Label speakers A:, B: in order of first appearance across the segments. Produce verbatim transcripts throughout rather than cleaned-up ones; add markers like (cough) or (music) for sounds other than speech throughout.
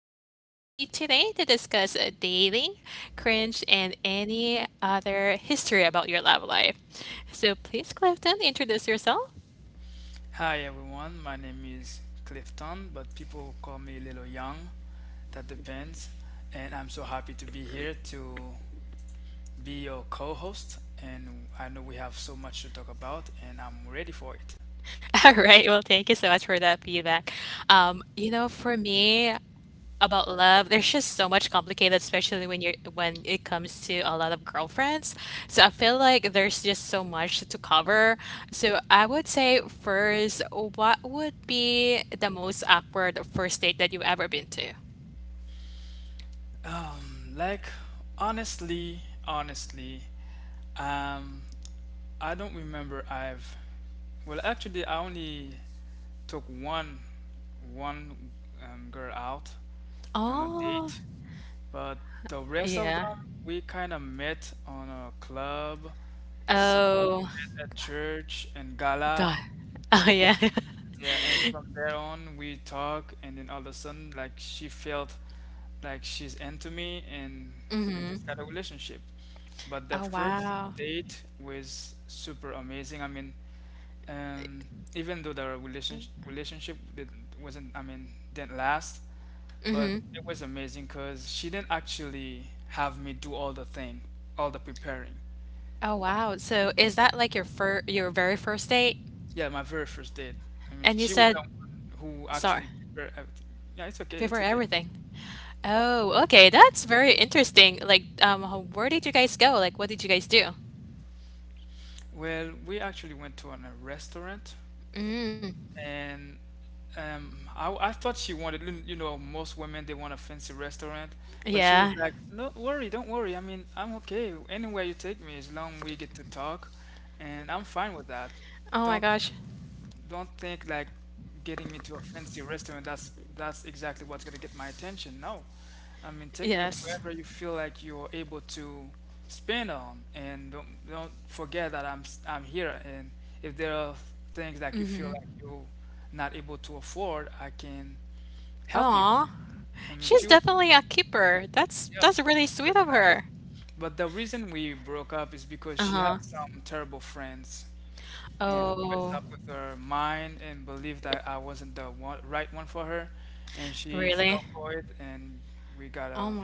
A: Clifton with me today to discuss uh, dating, cringe, and any other history about your love life. So please, Clifton, introduce yourself.
B: Hi everyone, my name is Clifton, but people call me Little Young. That depends. And I'm so happy to be here to be your co host. And I know we have so much to talk about, and I'm ready for it.
A: (laughs) All right. Well, thank you so much for that feedback. Um, you know, for me, about love. There's just so much complicated, especially when you're when it comes to a lot of girlfriends. So I feel like there's just so much to cover. So I would say first, what would be the most awkward first date that you've ever been to?
B: Um, like, honestly, honestly, um, I don't remember I've. Well, actually, I only took one, one um, girl out on a
A: Oh,
B: date. But the rest of
A: yeah.
B: them, we kind of met on a club. Some we
A: Oh,
B: met at church and
A: God.
B: gala.
A: Oh, yeah. (laughs)
B: Yeah, and from there on, we talk, and then all of a sudden, like she felt like she's into me, and we just got a relationship. But the
A: Oh,
B: first
A: wow.
B: date was super amazing. I mean, um, Even though the relationship relationship didn't, wasn't, I mean, didn't last, but it was amazing because she didn't actually have me do all the thing, all the preparing.
A: Oh, wow. So is that like your fir your very first date?
B: Yeah, my very first date. I mean,
A: And you
B: she was
A: said,
B: the one who
A: sorry,
B: actually prepared everything. Yeah, it's okay, it's
A: before
B: okay.
A: everything. Oh, okay. That's very interesting. Like, um, h- where did you guys go? Like, what did you guys do?
B: Well, we actually went to an, a restaurant, and um, I, I thought she wanted, you you know, most women they want a fancy restaurant, but she was
A: Yeah.
B: like, "No worry, don't worry. I mean, I'm okay. Anywhere you take me, as long we get to talk, and I'm fine with that.
A: Oh
B: Don't
A: my gosh.
B: don't think like getting me to a fancy restaurant, that's that's exactly what's gonna get my attention. No, I mean, take me
A: Yes.
B: wherever you feel like you're able to spend on, and don't don't forget that i'm s- I'm here, and if there are things that you feel like you're not able to afford, I can help you.
A: Aw.
B: I mean,
A: She's
B: she was,
A: definitely a keeper. That's
B: yep,
A: that's really
B: she
A: sweet
B: was
A: of
B: nice.
A: her.
B: But the reason we broke up is because she had some terrible friends, and we messed
A: Oh,
B: up with her mind and believed that I wasn't the one, right one for her, and she
A: really?
B: fell for it, and we got
A: Oh
B: a,
A: my.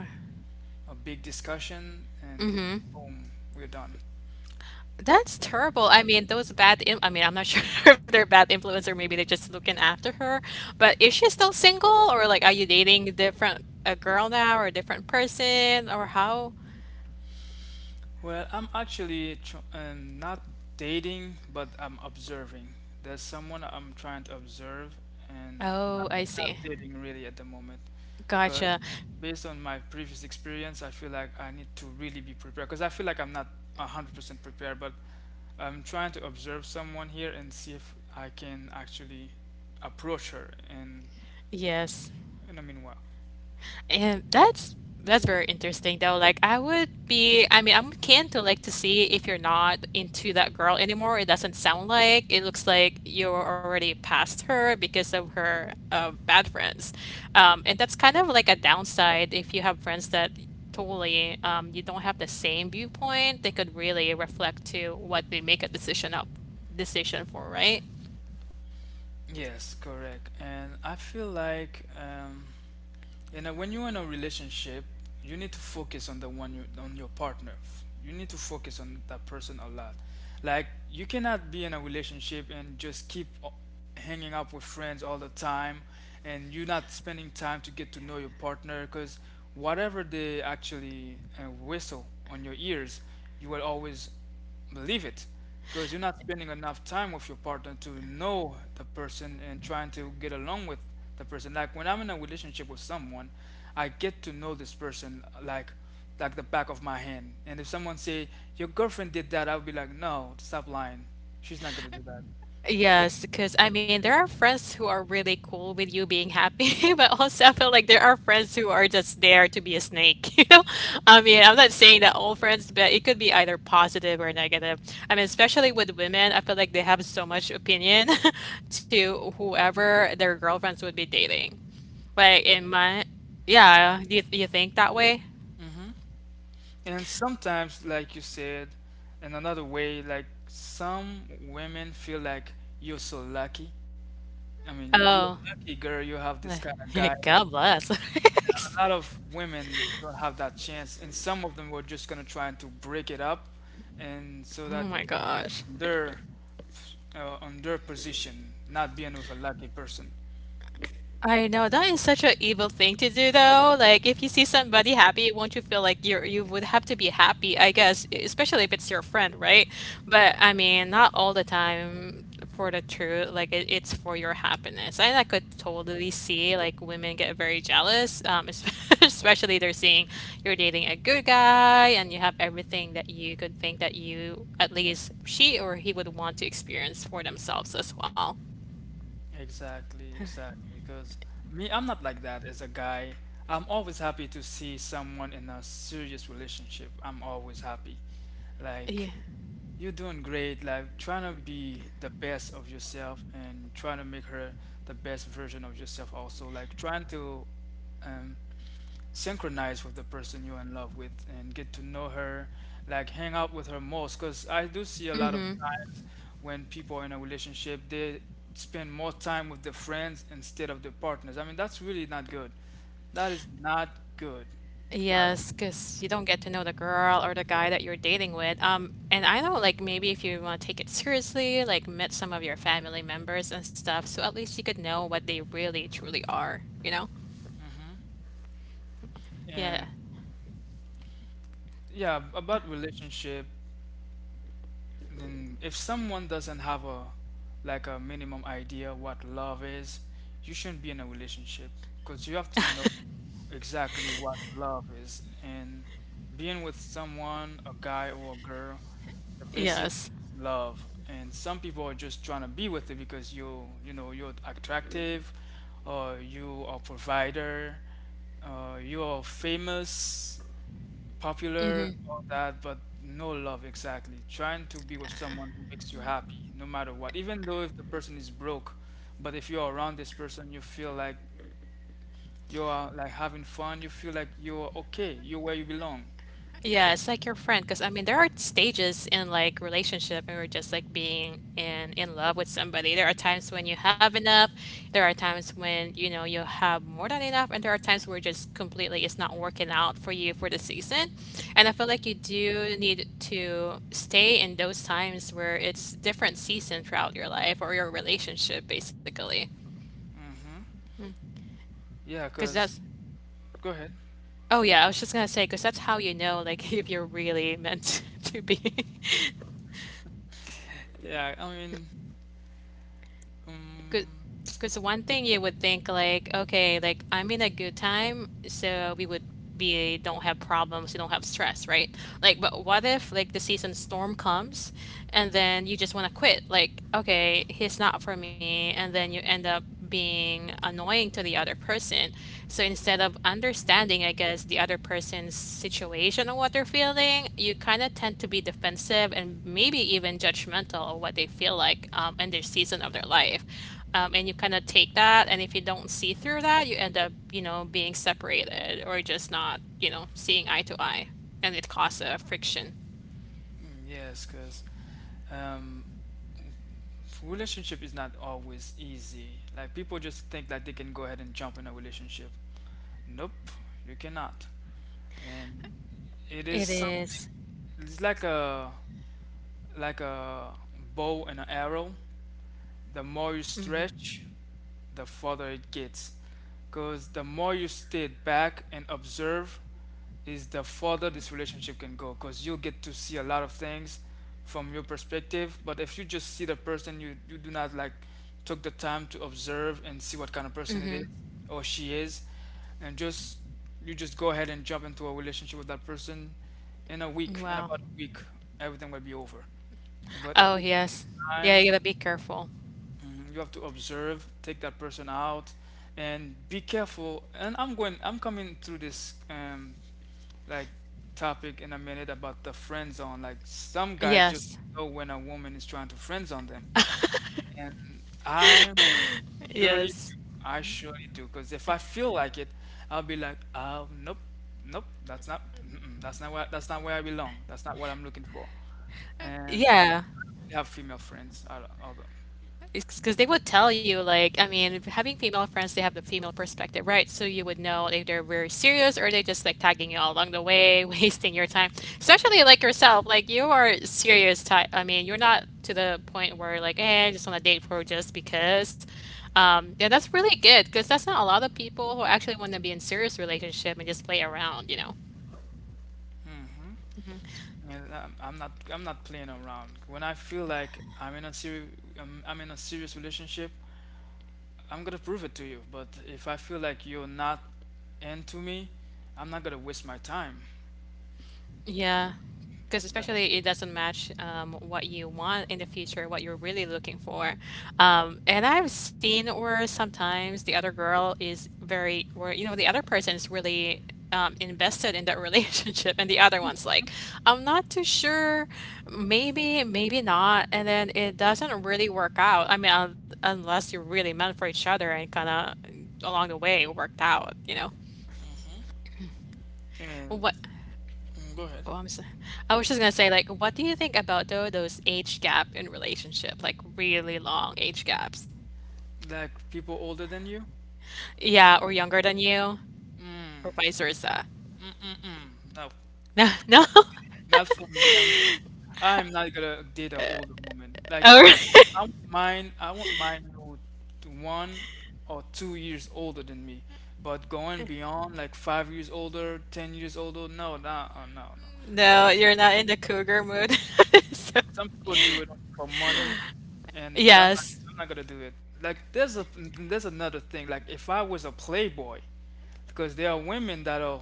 B: a big discussion, and boom, we're done.
A: That's terrible. I mean, those bad im I mean, I'm not (laughs) sure if they're bad influence or maybe they're just looking after her. But is she still single, or like are you dating a different a girl now, or a different person, or how?
B: Well, I'm actually tr- um, not dating, but I'm observing. There's someone I'm trying to observe, and
A: Oh,
B: not,
A: I see.
B: not dating really at the moment. Because
A: Gotcha.
B: based on my previous experience, I feel like I need to really be prepared. Because I feel like I'm not one hundred percent prepared, but I'm trying to observe someone here and see if I can actually approach her. And
A: Yes.
B: in a meanwhile.
A: And that's that's very interesting though. Like I would be, I mean, I'm keen to like to see if you're not into that girl anymore. It doesn't sound like, it looks like you're already past her because of her uh, bad friends. Um, and that's kind of like a downside if you have friends that totally um, you don't have the same viewpoint, they could really reflect to what they make a decision up decision for, right?
B: Yes, correct. And I feel like. Um, You know, when you're in a relationship, you need to focus on the one you, on your partner. You need to focus on that person a lot. Like you cannot be in a relationship and just keep o- hanging up with friends all the time, and you're not spending time to get to know your partner. Because whatever they actually uh, whistle on your ears, you will always believe it, because you're not spending enough time with your partner to know the person and trying to get along with the person. Like when I'm in a relationship with someone, I get to know this person like like the back of my hand. And if someone say your girlfriend did that, I'll be like, no, stop lying. She's not gonna do that.
A: Yes, because I mean, there are friends who are really cool with you being happy, (laughs) but also I feel like there are friends who are just there to be a snake, (laughs) you know? I mean, I'm not saying that all friends, but it could be either positive or negative. I mean, especially with women, I feel like they have so much opinion (laughs) to whoever their girlfriends would be dating. Like in my, yeah, you you think that way?
B: Mm hmm And sometimes, like you said, in another way, like some women feel like you're so lucky. I mean, you're
A: Oh,
B: lucky, girl. You have this kind of guy.
A: (laughs) God bless. (laughs)
B: A lot of women don't have that chance, and some of them were just gonna try to break it up, and so
A: Oh
B: that you
A: my
B: can be on
A: gosh.
B: their uh, on their position, not being with a lucky person.
A: I know that is such an evil thing to do, though. Like, if you see somebody happy, won't you feel like you're you would have to be happy, I guess, e, especially if it's your friend, right? But I mean, not all the time for the truth. Like, it, it's for your happiness. And I could totally see like women get very jealous, um, es- (laughs) especially they're seeing you're dating a good guy and you have everything that you could think that you at least she or he would want to experience for themselves as well.
B: Exactly, exactly. Because me, I'm not like that as a guy. I'm always happy to see someone in a serious relationship. I'm always happy, like.
A: Yeah.
B: You're doing great, like trying to be the best of yourself and trying to make her the best version of yourself also, like trying to um, synchronize with the person you're in love with and get to know her, like hang out with her most. Because I do see a lot of times when people are in a relationship, they spend more time with their friends instead of their partners. I mean, that's really not good. That is not good. I don't,
A: Yes, because you don't get to know the girl or the guy that you're dating with. Um, and I know, like, maybe if you want to take it seriously, like, meet some of your family members and stuff, so at least you could know what they really truly are, you know?
B: hmm
A: Yeah.
B: And yeah, about relationship. Then if someone doesn't have a like a minimum idea what love is, you shouldn't be in a relationship because you have to know exactly what love is. And being with someone, a guy or a girl, the basic
A: Yes.
B: is love. And some people are just trying to be with it because you you know you're attractive, or you are a provider, uh, you are famous, popular, all that, but no love exactly. Trying to be with someone who makes you happy, no matter what. Even though if the person is broke, but if you're around this person, you feel like you are like having fun. You feel like you're okay. You're where you belong.
A: Yeah, it's like your friend, because I mean, there are stages in like relationship and we're just like being in in love with somebody. There are times when you have enough, there are times when you know you have more than enough, and there are times where just completely it's not working out for you for the season. And I feel like you do need to stay in those times where it's different season throughout your life or your relationship, basically.
B: Mm-hmm. Yeah,
A: Because
B: cause
A: that's,
B: go ahead.
A: oh yeah, I was just gonna say, because that's how you know like (laughs) if you're really meant (laughs) to be.
B: Yeah, I mean,
A: (laughs)
B: um,
A: Because one thing you would think like, okay, like I'm in a good time, so we would be, don't have problems, you don't have stress, right? Like, but what if like the season storm comes and then you just want to quit? Like, okay, he's not for me, and then you end up being annoying to the other person. So instead of understanding, I guess, the other person's situation or what they're feeling, you kind of tend to be defensive and maybe even judgmental of what they feel like um, in their season of their life um, and you kind of take that, and if you don't see through that you end up, you know, being separated or just not, you know, seeing eye to eye, and it causes a friction.
B: mm, yes, cause um, relationship is not always easy. Like people just think that they can go ahead and jump in a relationship. Nope, you cannot. And It
A: It
B: is something.
A: is.
B: It's like a like a bow and an arrow, the more you stretch, the further it gets. Because the more you stay back and observe, is the further this relationship can go. Because you'll get to see a lot of things from your perspective. But if you just see the person, you, you do not like took the time to observe and see what kind of person it is or she is, and just you just go ahead and jump into a relationship with that person in a week, in
A: Wow.
B: about a week, everything will be over. But if
A: Oh
B: you
A: yes.
B: take the
A: Yeah, you
B: time.
A: gotta be careful.
B: Mhm, you have to observe, take that person out, and be careful. And I'm going, I'm coming through this um, like topic in a minute about the friend zone. Like some guys just
A: Yes.
B: know when a woman is trying to friend zone them, and I surely do.
A: Yes.
B: I surely do, because if I feel like it, I'll be like, oh, nope, nope, that's not, mm-mm, that's not where, that's not where I belong. That's not what I'm looking for. And
A: Yeah.
B: I have female friends. I don't, although.
A: It's because they would tell you, like, I mean, if having female friends, they have the female perspective, right? So you would know if they're very serious or they're just like tagging you all along the way, (laughs) wasting your time. Especially like yourself, like you are serious type. I mean, you're not to the point where like, eh, I just want to date for just because. Um, yeah, that's really good because that's not a lot of people who actually want to be in serious relationship and just play around, you know.
B: Yeah, I'm I'm not I'm not playing around. When I feel like I'm in a serious I'm, I'm in a serious relationship, I'm gonna prove it to you. But if I feel like you're not into me, I'm not gonna waste my time.
A: Yeah, because
B: Like,
A: especially it doesn't match um, what you want in the future, what you're really looking for. Um, and I've seen where sometimes the other girl is very, where you know the other person is really um, invested in that (laughs) relationship, and the other one's like, I'm not too sure, maybe, maybe not, and then it doesn't really work out. I mean, un unless you're really meant for each other and kind of along the way worked out, you know.
B: and
A: What?
B: mm, go ahead.
A: Oh, I'm so, I was just gonna say, like, what do you think about though those age gap in relationship, like really long age gaps?
B: Like people older than you?
A: Yeah, or younger than you,
B: Mm,
A: or vice versa.
B: mm, mm, mm. No.
A: No, no, (laughs)
B: Not for me. I mean, I'm not gonna date an older woman. Like
A: oh,
B: I don't.
A: right.
B: I want mine. I want mine who t- one or two years older than me. But going beyond like five years older, ten years older, no, no, uh, no, no.
A: No, you're not in the cougar mood. (laughs) So,
B: Some people do it for money, and but I'm not
A: yes.
B: I'm not gonna do it. Like there's a there's another thing. Like if I was a playboy, because there are women that are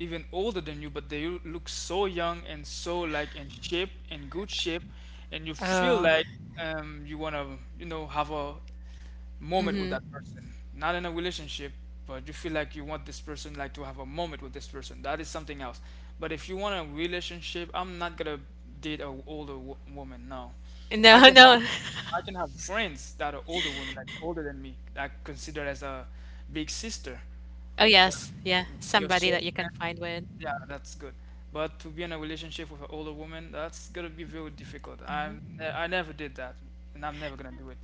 B: even older than you, but they look so young and so like in shape, in good shape, and you feel
A: Oh,
B: like um you wanna, you know, have a moment with that person, not in a relationship, but you feel like you want this person, like to have a moment with this person, that is something else. But if you want a relationship, I'm not gonna date a older w- woman, no. i
A: no,
B: can have
A: no.
B: I can have friends that are older women, like older than me, that I consider as a big sister,
A: Oh,
B: that
A: yes. Yeah,
B: you're
A: somebody that
B: so
A: you can
B: friend,
A: find with.
B: yeah, that's good. But to be in a relationship with an older woman, that's gonna be very difficult. i'm I never did that, and I'm never gonna do it.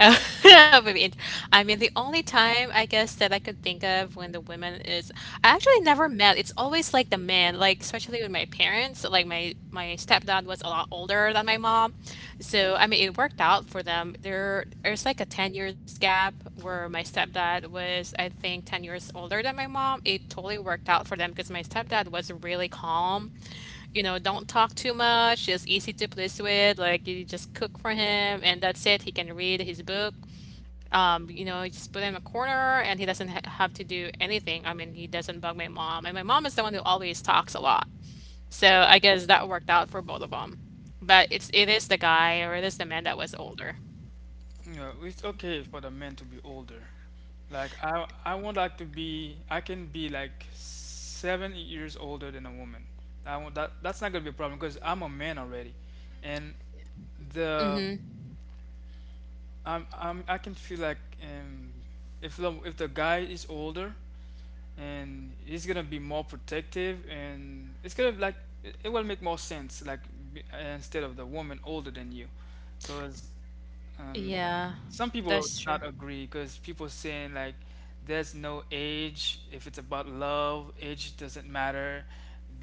A: Oh, (laughs) that would be int- I mean, the only time I guess that I could think of when the women is, I actually never met. It's always like the men, like especially with my parents. Like my my stepdad was a lot older than my mom, so I mean it worked out for them. There there's like a ten years gap where my stepdad was, I think, ten years older than my mom. It totally worked out for them because my stepdad was really calm, you know, don't talk too much, just easy to please with, like you just cook for him, and that's it. He can read his book. Um, you know, you just put him in a corner and he doesn't ha have to do anything. I mean, he doesn't bug my mom. And my mom is the one who always talks a lot. So I guess that worked out for both of them. But it's it is the guy, or it is the man that was older.
B: Yeah, it's okay for the men to be older. Like I I want like to be, I can be like seven years older than a woman. I want that, that's not gonna be a problem because I'm a man already, and the I'm I'm I can feel like um if the if the guy is older and he's gonna be more protective, and it's gonna like it, it will make more sense, like be- uh, instead of the woman older than you, because um,
A: Yeah,
B: some people
A: that's
B: would
A: true.
B: not agree because people saying like there's no age if it's about love, age doesn't matter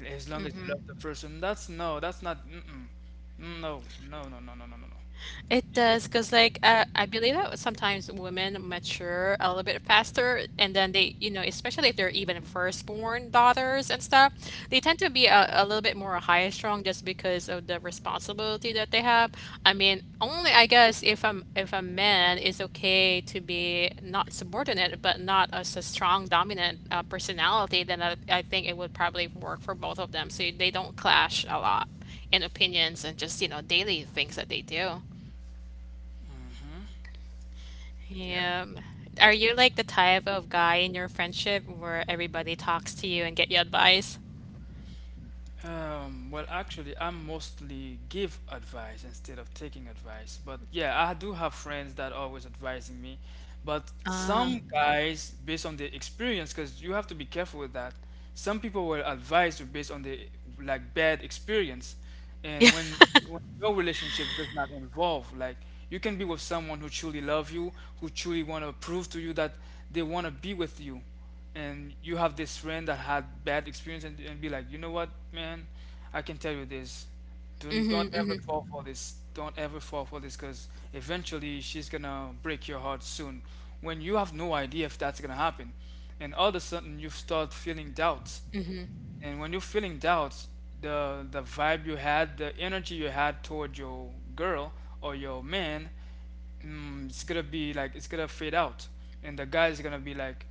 B: as long as you love the person. That's no, that's not. Mm-mm. No, no, no, no, no, no, no, no.
A: It does, because like uh, I believe that sometimes women mature a little bit faster, and then they, you know, especially if they're even firstborn daughters and stuff, they tend to be a, a little bit more high strung just because of the responsibility that they have. I mean, only I guess if I'm if a man is okay to be not subordinate, but not as a strong dominant uh, personality, then I, I think it would probably work for both of them, so they don't clash a lot in opinions and just, you know, daily things that they do.
B: Yeah.
A: Yeah. Are you like the type of guy in your friendship where everybody talks to you and get you advice?
B: Um, well, actually, I mostly give advice instead of taking advice. But yeah, I do have friends that always advising me. But some guys, based on their experience, because you have to be careful with that. Some people will advise you based on their like bad experience, and when when your relationship does not involve like you can be with someone who truly love you, who truly want to prove to you that they want to be with you, and you have this friend that had bad experience and, and be like, you know what man, I can tell you this. Do don't ever fall for this, don't ever fall for this, because eventually she's gonna break your heart soon when you have no idea if that's gonna happen. And all of a sudden you start feeling doubts, and when you're feeling doubts, the the vibe you had, the energy you had toward your girl or your man, mm, it's gonna be like it's gonna fade out. And the guy's gonna be like,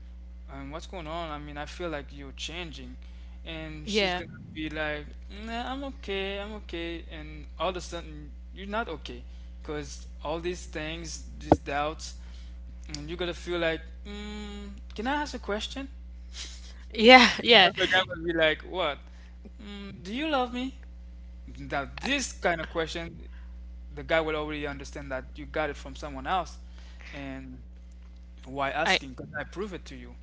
B: um, "What's going on? I mean, I feel like you're changing." And she's
A: Yeah.
B: gonna be like, "Nah, I'm okay, I'm okay." And all of a sudden you're not okay, cause all these things, these doubts. And you're gonna feel like, mm, "Can I ask a question?"
A: Yeah, (laughs) yeah.
B: The guy would be like, "What? Mm, do you love me?" Now, this kind of question, the guy will already understand that you got it from someone else, and why
A: I
B: asking? Because I prove it to you.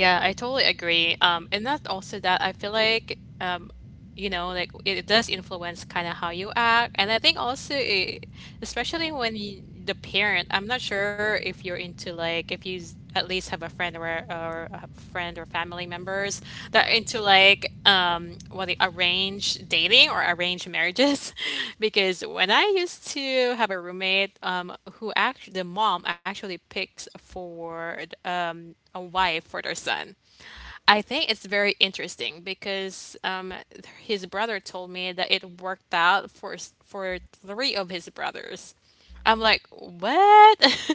A: yeah, I totally agree. Um, and that's also that I feel like um. you know, like it, it does influence kind of how you act. And I think also it, especially when you, the parent, I'm not sure if you're into like if you s- at least have a friend or a- or a friend or family members that are into like um what they arrange dating or arrange marriages (laughs) because when I used to have a roommate um who actually the mom actually picks for um a wife for their son. I think it's very interesting because um, th- his brother told me that it worked out for s- for three of his brothers. I'm like, what? (laughs)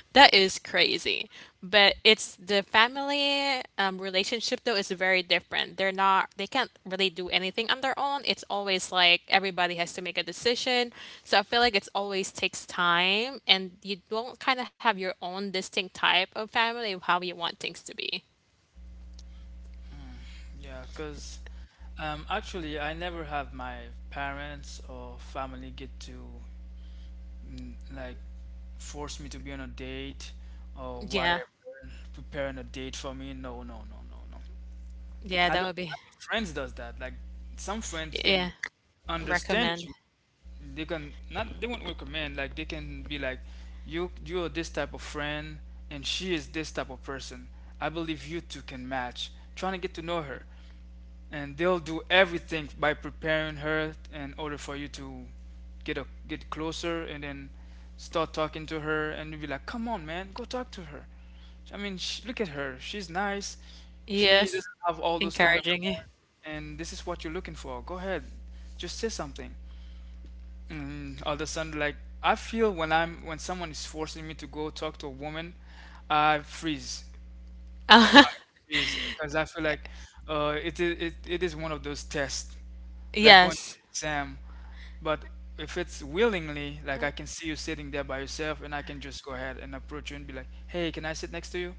A: That is crazy. But it's the family um, relationship though is very different. They're not they can't really do anything on their own. It's always like everybody has to make a decision. So I feel like it's always takes time and you don't kind of have your own distinct type of family of how you want things to be.
B: Yeah, because um, actually, I never have my parents or family get to mm, like force me to be on a date or
A: Yeah.
B: whatever, preparing a date for me. No, no, no, no, no.
A: Yeah, that
B: I
A: would
B: look,
A: be,
B: I look friends does that. Like some friends
A: yeah,
B: can understand.
A: recommend.
B: They can not They won't recommend, like they can be like, you you are this type of friend and she is this type of person. I believe you two can match. Trying to get to know her, and they'll do everything by preparing her in order for you to get a get closer, and then start talking to her, and you'll be like, come on man, go talk to her. I mean, sh- look at her, she's nice, she
A: Yes,
B: doesn't have all those kind of
A: encouraging.
B: friends, and this is what you're looking for. Go ahead, just say something. Mm, all of a sudden, like I feel when I'm when someone is forcing me to go talk to a woman, I freeze. I freeze because I feel like uh, it, I- it it is one of those tests, like going to
A: Yes,
B: an exam. But if it's willingly, like I can see you sitting there by yourself, and I can just go ahead and approach you and be like, "Hey, can I sit next to you?"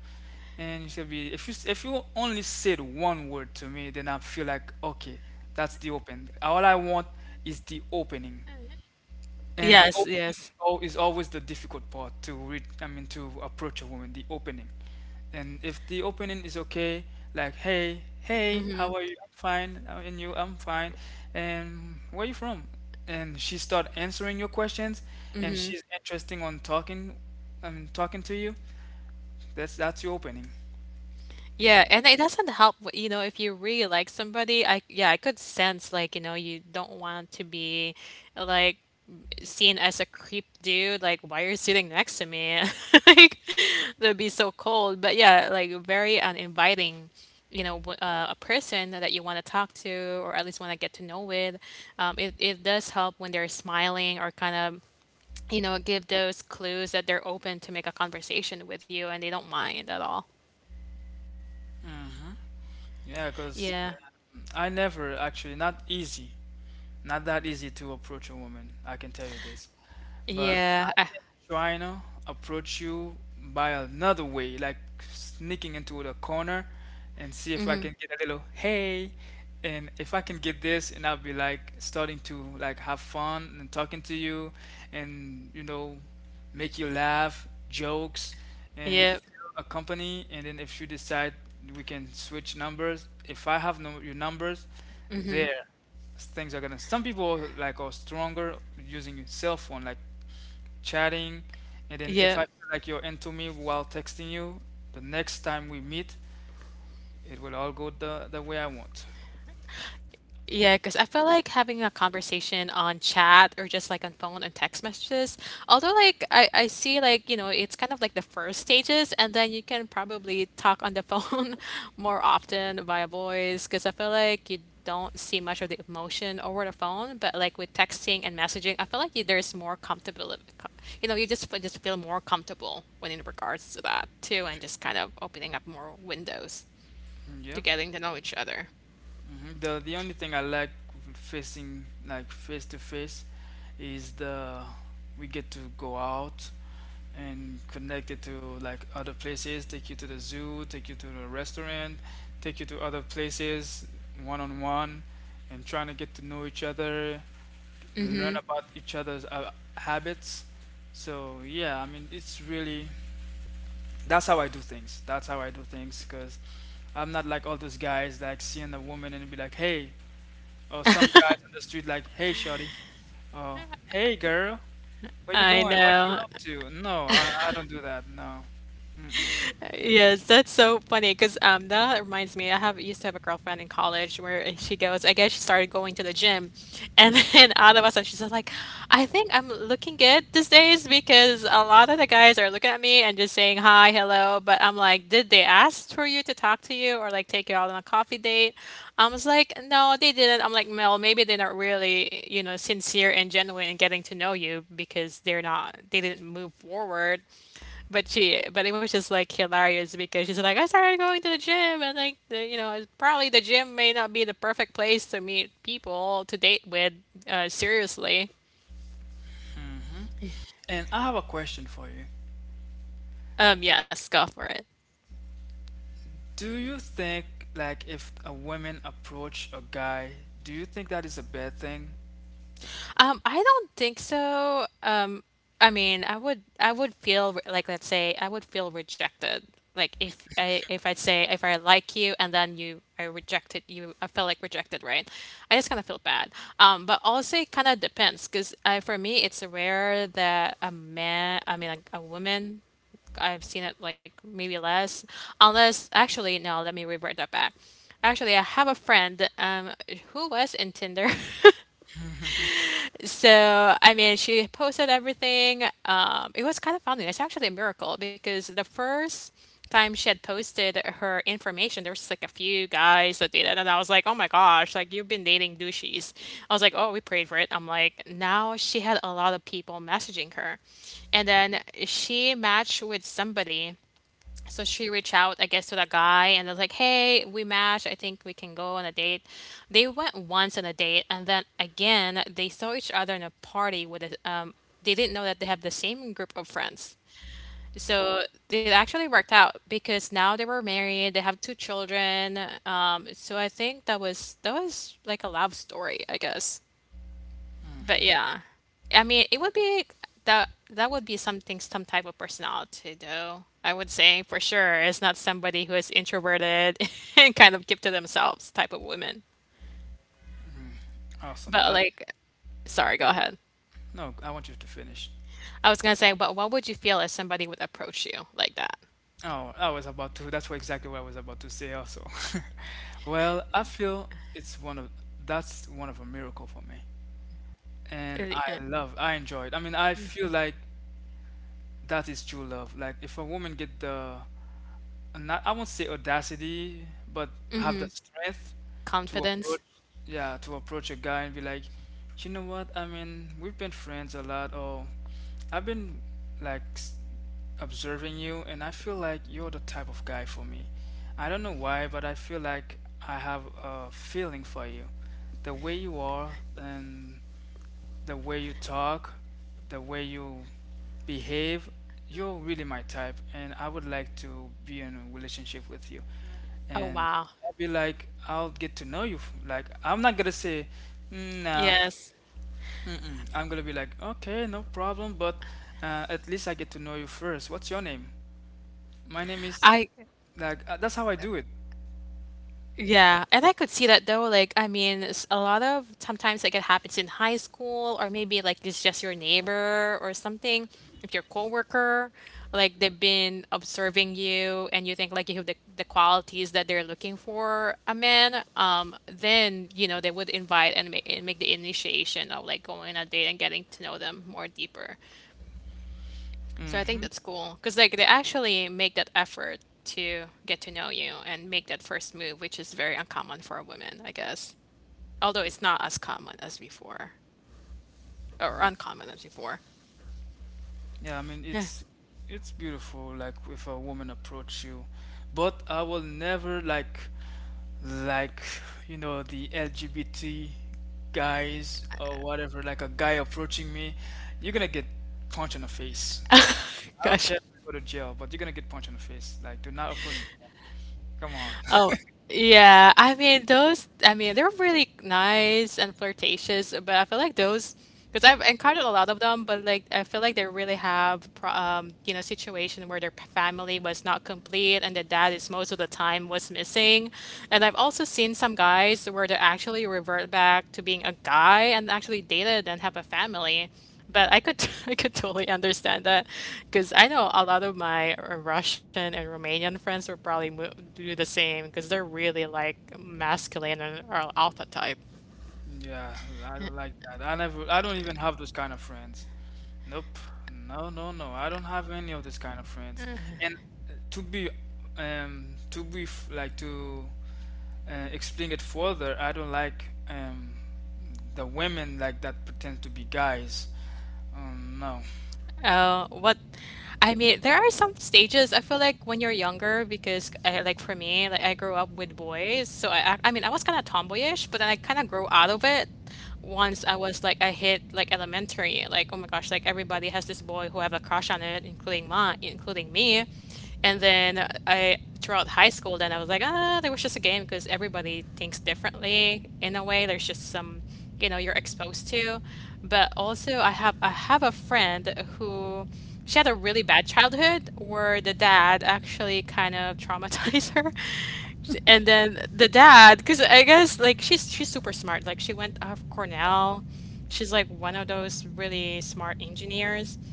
B: And you should be if you s- if you only said one word to me, then I feel like okay, that's the open. All I want is the opening. And the
A: yes,
B: opening
A: yes.
B: is al- is always the difficult part to read, I mean, to approach a woman, the opening. And if the opening is okay, like, hey, hey, how are you? I'm fine. How are you? I'm fine. And where are you from? And she start answering your questions, and she's interesting on talking, I mean, talking to you. That's that's your opening.
A: Yeah, and it doesn't help, w- you know, if you really like somebody, I yeah, I could sense like, you know, you don't want to be like seen as a creep dude, like why are you sitting next to me? (laughs) Like that'd be so cold. But yeah, like very uninviting, you know, w- uh, a person that you want to talk to or at least want to get to know with. Um, it it does help when they're smiling or kind of, you know, give those clues that they're open to make a conversation with you and they don't mind at all.
B: Hmm. Yeah, because
A: Yeah.
B: I never actually not easy. Not that easy to approach a woman, I can tell you this. But
A: Yeah,
B: I
A: I,
B: can try to approach you by another way, like sneaking into the corner and see if I can get a little hey. And if I can get this, and I'll be like starting to like have fun and talking to you, and you know, make you laugh, jokes, and
A: yeah,
B: feel a company. And then if you decide we can switch numbers, if I have no, your numbers, there things are gonna some people like are stronger using cell phone like chatting, and then if
A: yeah,
B: I feel like you're into me while texting you, the next time we meet it will all go the, the way I want.
A: yeah. Because I feel like having a conversation on chat or just like on phone and text messages. Although, like I, I see like you know it's kind of like the first stages, and then you can probably talk on the phone (laughs) more often via voice. Because I feel like you don't see much of the emotion over the phone, but like with texting and messaging, I feel like you, there's more comfortable. co- You know, you just f- just feel more comfortable when in regards to that too, and just kind of opening up more windows
B: Yep.
A: to getting to know each other.
B: hmm the the only thing I like facing like face to face is the we get to go out and connect it to like other places, take you to the zoo, take you to the restaurant, take you to other places one on one, and trying to get to know each other and learn about each other's uh, habits. So, yeah, I mean, it's really that's how I do things. That's how I do things because I'm not like all those guys like seeing a woman and be like, hey, or some guys on the street like, hey, shorty, or hey, girl, where you
A: I
B: going? What you
A: know.
B: up to? No, I, I don't do that. No. Mm-mm.
A: Yes, that's so funny because um that reminds me I have used to have a girlfriend in college where she goes I guess she started going to the gym and then (laughs) all of a sudden she's just like I think I'm looking good these days because a lot of the guys are looking at me and just saying hi hello, but I'm like, did they ask for you to talk to you or like take you out on a coffee date? I was like, no they didn't. I'm like, Mel, maybe they're not really, you know sincere and genuine in getting to know you because they're not, they didn't move forward. But she, but it was just like hilarious because she's like, I started going to the gym, and like, the, you know, probably the gym may not be the perfect place to meet people to date with, uh, seriously.
B: And I have a question for you.
A: Um, yes, go for it.
B: Do you think, like, if a woman approach a guy, do you think that is a bad thing?
A: Um, I don't think so. Um, I mean, I would I would feel re- like let's say I would feel rejected. Like if I if I say if I like you and then you I rejected you, I felt like rejected, right? I just kind of feel bad. Um, but also it kind of depends because uh, for me it's rare that a man, I mean like a woman I've seen it like maybe less, unless actually no, let me revert that back. Actually, I have a friend um who was in Tinder. (laughs)
B: (laughs)
A: So, I mean, she posted everything. Um, it was kind of funny. It's actually a miracle because the first time she had posted her information, there was like a few guys that did it, and I was like, "Oh my gosh! Like you've been dating douches." I was like, "Oh, we prayed for it." I'm like, now she had a lot of people messaging her, and then she matched with somebody, so she reached out, I guess, to that guy and I was like, "Hey, we match. I think we can go on a date." They went once on a date, and then again they saw each other in a party with a. Um, they didn't know that they have the same group of friends. So it actually worked out because now they were married. They have two children. Um, so I think that was that was like a love story, I guess. But
B: Mhm,
A: yeah, I mean, it would be that that would be something, some type of personality, though. I would say for sure, it's not somebody who is introverted (laughs) and kind of keep to themselves type of woman.
B: mhm. Awesome,
A: But
B: but
A: like, sorry, go ahead.
B: no, I want you to finish.
A: I was gonna say, but what would you feel if somebody would approach you like that?
B: Oh, I was about to. That's what exactly what I was about to say also. (laughs) Well, I feel it's one of that's one of a miracle for me. And
A: Really,
B: I
A: uh,
B: love, I enjoy it. I mean, I feel like that is true love. Like if a woman get the, not I won't say audacity, but have the strength to
A: confidence?
B: approach, yeah, to approach a guy and be like, you know what? I mean, we've been friends a lot, or I've been like s- observing you, and I feel like you're the type of guy for me. I don't know why, but I feel like I have a feeling for you. The way you are, and the way you talk, the way you behave, you're really my type, and I would like to be in a relationship with you,
A: Oh
B: and
A: wow.
B: I'll be like, I'll get to know you. f- Like, I'm not gonna say, "Mm, nah,
A: Yes.
B: mm-mm." I'm gonna be like, okay, no problem, but uh, at least I get to know you first. What's your name? My name is,
A: I.
B: like, uh, that's how I do it.
A: Yeah, and I could see that though. Like, I mean, s- a lot of sometimes like it happens in high school, or maybe like it's just your neighbor or something, if your coworker, like they've been observing you, and you think like you have the the qualities that they're looking for a man. Um, then you know they would invite and make and make the initiation of like going on a date and getting to know them more deeper. So I think
B: Mm-hmm.
A: that's cool because like they actually make that effort to get to know you and make that first move, which is very uncommon for a woman, I guess. Although it's not as common as before, or
B: Mm,
A: uncommon as before.
B: Yeah, I mean, it's it's beautiful, like, if a woman approach you, but I will never like. Like you know the L G B T guys or whatever, like a guy approaching me, you're gonna get punched in the face.
A: (laughs)
B: I don't
A: Gosh.
B: care if I go to jail, but you're gonna get punched in the face. Like, do not approach me. Come on. (laughs)
A: Oh, yeah. I mean, those, I mean, they're really nice and flirtatious, but I feel like those, because I've encountered a lot of them, but like, I feel like they really have, pro- um, you know, situation where their p- family was not complete and the dad is most of the time was missing. And I've also seen some guys where they actually revert back to being a guy and actually dated and have a family. But I could (laughs) I could totally understand that because I know a lot of my uh, Russian and Romanian friends would probably mo do the same because they're really like masculine and are alpha type.
B: Yeah, I don't like that. I never, I don't even have those kind of friends. Nope. No, no, no. I don't have any of this kind of friends. And uh, to be, um, to be f- like to uh, explain it further, I don't like um, the women like that pretend to be guys. Um, no.
A: Uh, what I mean, there are some stages I feel like when you're younger because I, like for me, like I grew up with boys, so I I I mean I was kind of tomboyish, but then I kind of grew out of it once I was like I hit like elementary, like oh my gosh, like everybody has this boy who have a crush on it, including my including me, and then I throughout high school, then I was like, ah, there was just a game because everybody thinks differently in a way. There's just some, you know, you're exposed to. But also, I have I have a friend who she had a really bad childhood where the dad actually kind of traumatized (laughs) her. And then the dad, because I guess like she's she's super smart. Like she went off Cornell. She's like one of those really smart engineers.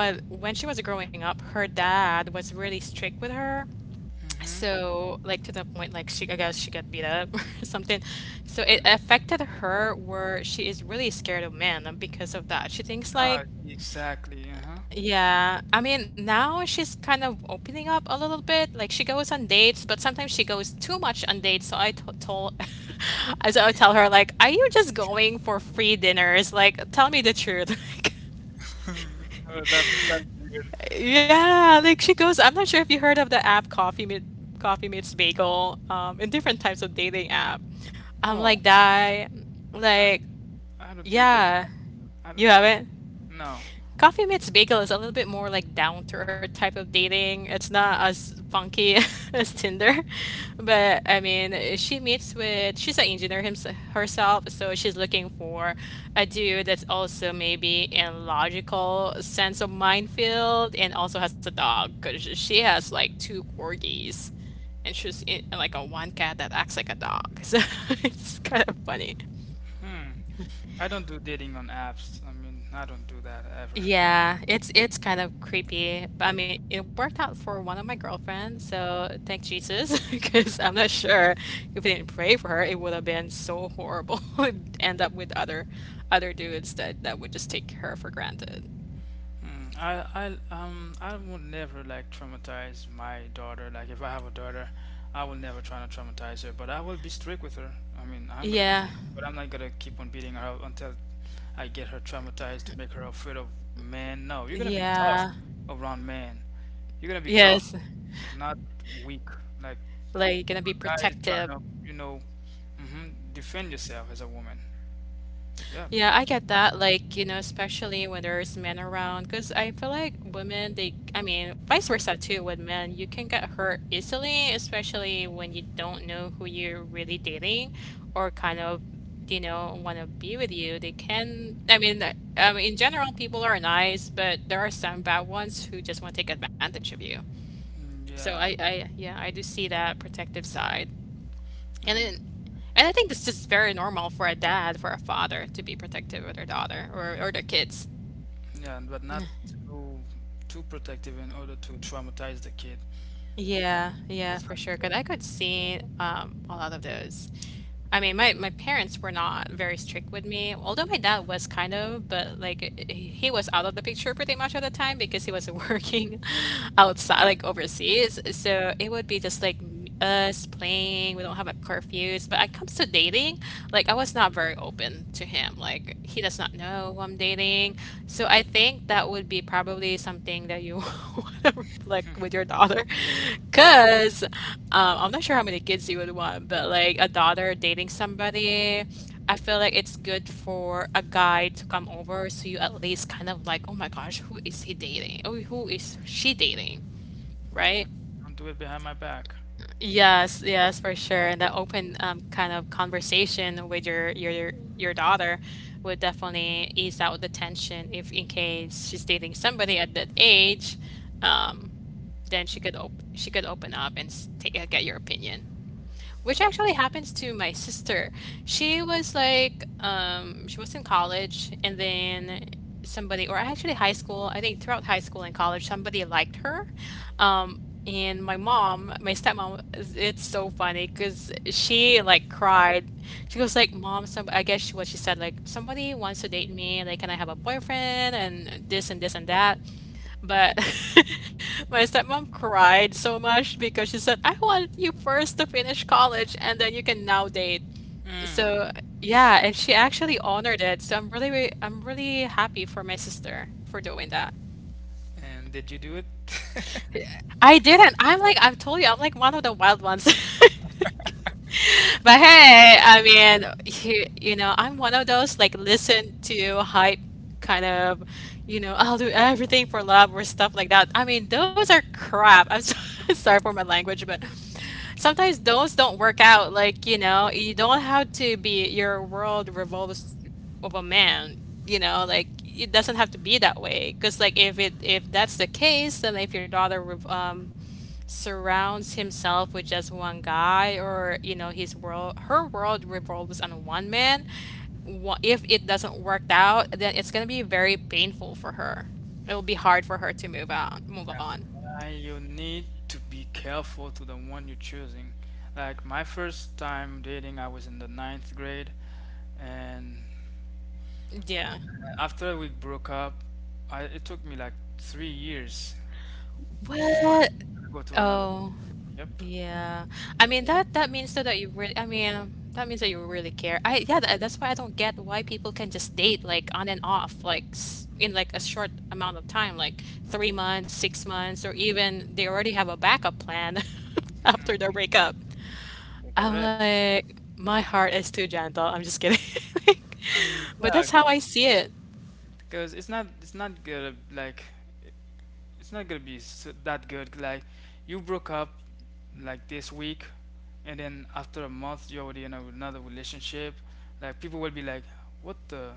A: But when she was growing up, her dad was really strict with her.
B: Mm-hmm.
A: So, like to the point, like she, I guess she got beat up (laughs) or something. So it affected her where she is really scared of men uh, because of that. She thinks
B: Ah,
A: like,
B: exactly. Uh-huh.
A: yeah, I mean, now she's kind of opening up a little bit. Like she goes on dates, but sometimes she goes too much on dates. So I t told, (laughs) so I tell her like, are you just going for free dinners? Like, tell me the truth. (laughs)
B: Uh, that's that's weird.
A: Yeah, like she goes. I'm not sure if you heard of the app Coffee Meet Coffee Meets Bagel, um, in different types of dating app. I'm
B: Oh,
A: like die,
B: I
A: like
B: don't I don't do that.
A: yeah,
B: I don't
A: you
B: do that.
A: haven't.
B: No.
A: Coffee Meets Bagel is a little bit more like down to earth type of dating. It's not as funky (laughs) as Tinder, but I mean, she meets with she's an engineer hims herself, so she's looking for a dude that's also maybe in logical sense of minefield and also has a dog because she has like two corgis and she's in, like a one cat that acts like a dog. (laughs) So it's kind of funny.
B: Hmm. I don't do dating on apps. I mean, I don't do that ever.
A: Yeah, it's it's kind of creepy. But I mean, it worked out for one of my girlfriends, so thank Jesus, (laughs) because I'm not sure if we didn't pray for her, it would have been so horrible. (laughs) It'd end up with other other dudes that that would just take her for granted.
B: Mm, I I um I would never like traumatize my daughter. Like if I have a daughter, I will never try to traumatize her, but I will be strict with her. I mean, I'm gonna be
A: Yeah,
B: strict, but I'm not gonna keep on beating her until I get her traumatized to make her afraid of men. No, you're gonna be tough
A: yeah,
B: around men. You're gonna be tough,
A: yes.
B: not weak. Like
A: Like you're gonna
B: if
A: be
B: a guy is trying
A: protective.
B: to, you know, hmm defend yourself as a woman. Yeah,
A: Yeah, I get that. Like, you know, especially when there's men around, because I feel like women, they, I mean, vice versa too, with men, you can get hurt easily, especially when you don't know who you're really dating or kind of, you know, want to be with you. They can, I mean, th- I mean, in general, people are nice, but there are some bad ones who just want to take advantage of you.
B: Mm,
A: So
B: yeah.
A: I, I, yeah, I do see that protective side. And then,
B: Hmm.
A: and I think this is very normal for a dad, for a father to be protective of their daughter or or their kids.
B: Yeah, and- but not too too protective in order to traumatize the kid.
A: Yeah,
B: It's
A: yeah,
B: not
A: for sure.
B: good.
A: 'Cause I could see um a lot of those. I mean, my my parents were not very strict with me, although my dad was kind of, but like h- he was out of the picture pretty much all the time because he was (laughs) working outside, like overseas. So it would be just like m- us playing. We don't have a curfews, but when it comes to dating, like I was not very open to him. Like he does not know who I'm dating. So I think that would be probably something that you (laughs) want to reflect with your daughter, because um, I'm not sure how many kids you would want, but like a daughter dating somebody, I feel like it's good for a guy to come over so you at least kind of like, oh my gosh, who is he dating? Oh, who is she dating? Right?
B: hmm Don't do it behind my back.
A: Yes, yes, for sure. And that open, um, kind of conversation with your your your daughter would definitely ease out the tension if in case she's dating somebody at that age. um, then she could op she could open up and s- ta- uh, get your opinion, which actually happens to my sister. She was like, um, she was in college, and then somebody, or actually high school, I think throughout high school and college, somebody liked her. Um, and my mom, my stepmom, it's so funny because she like cried. She goes like, "Mom, some I guess she, what she said like somebody wants to date me, like can I have a boyfriend and this and this and that." But (laughs) my stepmom cried so much because she said, I want you first to finish college and then you can now date.
B: Mm.
A: So yeah, and she actually honored it. So I'm really, re- I'm really happy for my sister for doing that.
B: And did you do it? (laughs)
A: I didn't. I'm like, I've told you, I'm like one of the wild ones. (laughs) But hey, I mean, you, you know, I'm one of those like listen to hype kind of, you know, I'll do everything for love or stuff like that. I mean, those are crap. I'm so, (laughs) sorry for my language, but sometimes those don't work out. Like, you know, you don't have to be, your world revolves of a man, you know, like it doesn't have to be that way. Because like if it if that's the case, then if your daughter rev- um surrounds himself with just one guy, or you know his world her world revolves on one man. Wha- if it doesn't work out, then it's going to be very painful for her. It will be hard for her to move on, move
B: That's
A: on
B: why you need to be careful to the one you're choosing. Like my first time dating, I was in the ninth grade, and
A: Yeah.
B: after we broke up, I it took me like three years before
A: What?
B: I go to another
A: Oh.
B: date. Yep.
A: Yeah. I
B: And
A: mean that
B: then-
A: that means though that you really, I mean that means that you really care. I yeah, tha- that's why I don't get why people can just date like on and off like s- in like a short amount of time, like three months, six months, or even they already have a backup plan (laughs) after their
B: Mm,
A: breakup.
B: you're
A: I'm
B: correct.
A: like my heart is too gentle. I'm just kidding. (laughs)
B: I mean,
A: But
B: yeah,
A: that's how I see it.
B: cause it's not it's not gonna like it's not gonna be s that good. Like you broke up like this week, and then after a month you're already in a, another relationship. Like people will be like, what the